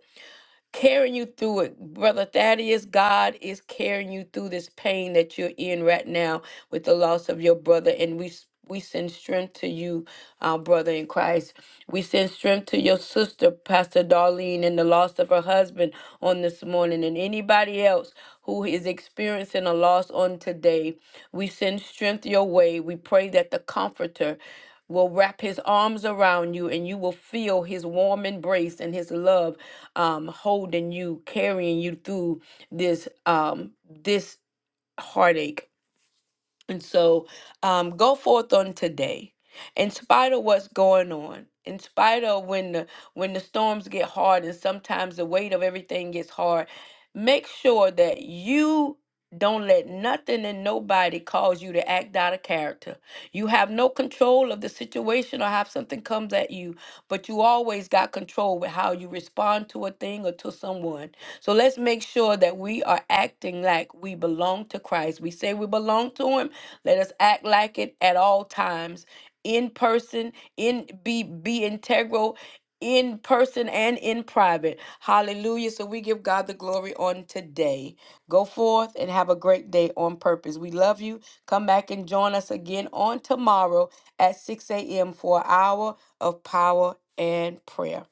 Speaker 2: carrying you through it. Brother Thaddeus, God is carrying you through this pain that you're in right now with the loss of your brother. And we s- we send strength to you, our brother in Christ. We send strength to your sister, Pastor Darlene, and the loss of her husband on this morning, and anybody else who is experiencing a loss on today. We send strength your way. We pray that the Comforter will wrap his arms around you and you will feel his warm embrace and his love um, holding you, carrying you through this um, this heartache. And so um, go forth on today. In spite of what's going on, in spite of when the when the storms get hard and sometimes the weight of everything gets hard, Make sure that you don't let nothing and nobody cause you to act out of character. You have no control of the situation or how something comes at you, but you always got control with how you respond to a thing or to someone. So let's make sure that we are acting like we belong to Christ. We say we belong to Him. Let us act like it at all times in person, in be be integral in person and in private. Hallelujah. So we give God the glory on today. Go forth and have a great day on purpose. We love you. Come back and join us again on tomorrow at 6 a.m. for an hour of power and prayer.